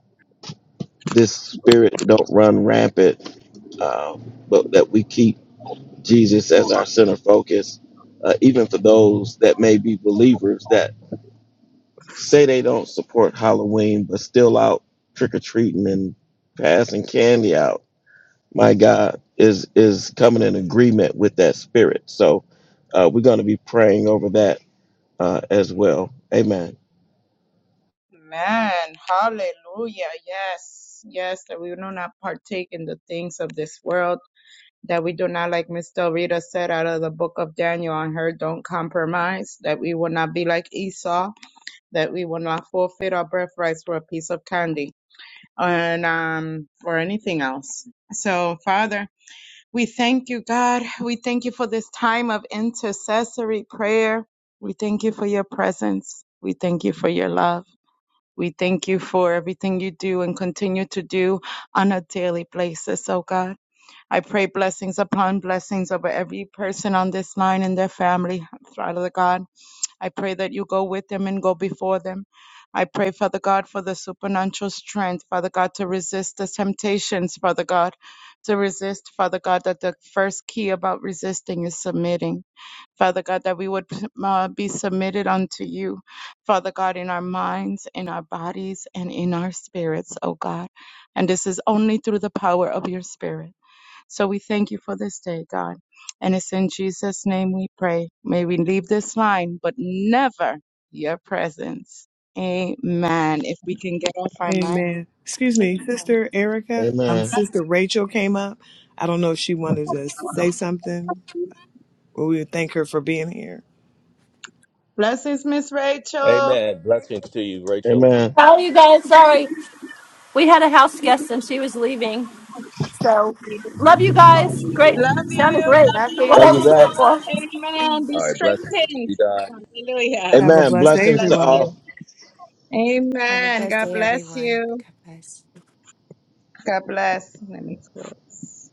[SPEAKER 4] this spirit don't run rampant, uh, but that we keep Jesus as our center focus, uh, even for those that may be believers that say they don't support Halloween, but still out trick or treating and passing candy out my God, is is coming in agreement with that spirit. So uh, we're going to be praying over that uh, as well. Amen.
[SPEAKER 1] Man, Hallelujah. Yes. Yes. That we do not partake in the things of this world. That we do not, like Miss Del Rita said out of the book of Daniel on her, don't compromise. That we will not be like Esau. That we will not forfeit our birthrights for a piece of candy and um, for anything else. So, Father, we thank you, God. We thank you for this time of intercessory prayer. We thank you for your presence. We thank you for your love. We thank you for everything you do and continue to do on a daily basis, oh God. I pray blessings upon blessings over every person on this line and their family, Father God. I pray that you go with them and go before them. I pray, Father God, for the supernatural strength, Father God, to resist the temptations, Father God, to resist, Father God, that the first key about resisting is submitting. Father God, that we would uh, be submitted unto you, Father God, in our minds, in our bodies, and in our spirits, oh God. And this is only through the power of your spirit. So we thank you for this day, God. And it's in Jesus' name we pray. May we leave this line, but never your presence. Amen. If we can get off our mic.
[SPEAKER 2] Amen. Excuse me, Sister Erica. Um,
[SPEAKER 4] Amen.
[SPEAKER 2] Sister Rachel came up. I don't know if she wanted to say something, but we would thank her for being here.
[SPEAKER 1] Blessings, Miss Rachel.
[SPEAKER 5] Amen. Blessings to you, Rachel.
[SPEAKER 4] Amen.
[SPEAKER 7] Oh, you guys, sorry. We had a house guest and she was leaving. So, love you guys. Great.
[SPEAKER 1] Love you.
[SPEAKER 7] Sounded great
[SPEAKER 1] Love
[SPEAKER 6] Love
[SPEAKER 1] you
[SPEAKER 7] for what
[SPEAKER 6] you.
[SPEAKER 4] Love
[SPEAKER 7] I
[SPEAKER 4] you
[SPEAKER 7] was here
[SPEAKER 4] back.
[SPEAKER 7] for.
[SPEAKER 1] all. Amen. Be
[SPEAKER 5] All right, blessings to
[SPEAKER 1] strengthened.
[SPEAKER 5] you, Di.
[SPEAKER 1] Hallelujah.
[SPEAKER 2] Have a
[SPEAKER 4] Amen.
[SPEAKER 2] blessed
[SPEAKER 1] God
[SPEAKER 2] day,
[SPEAKER 4] Blessings
[SPEAKER 1] bless
[SPEAKER 4] to
[SPEAKER 1] you.
[SPEAKER 4] all.
[SPEAKER 2] everyone.
[SPEAKER 6] Have a
[SPEAKER 1] Amen.
[SPEAKER 6] blessed
[SPEAKER 1] God
[SPEAKER 6] day,
[SPEAKER 1] bless
[SPEAKER 6] everyone.
[SPEAKER 1] you.
[SPEAKER 6] God bless.
[SPEAKER 1] God bless. Let me close.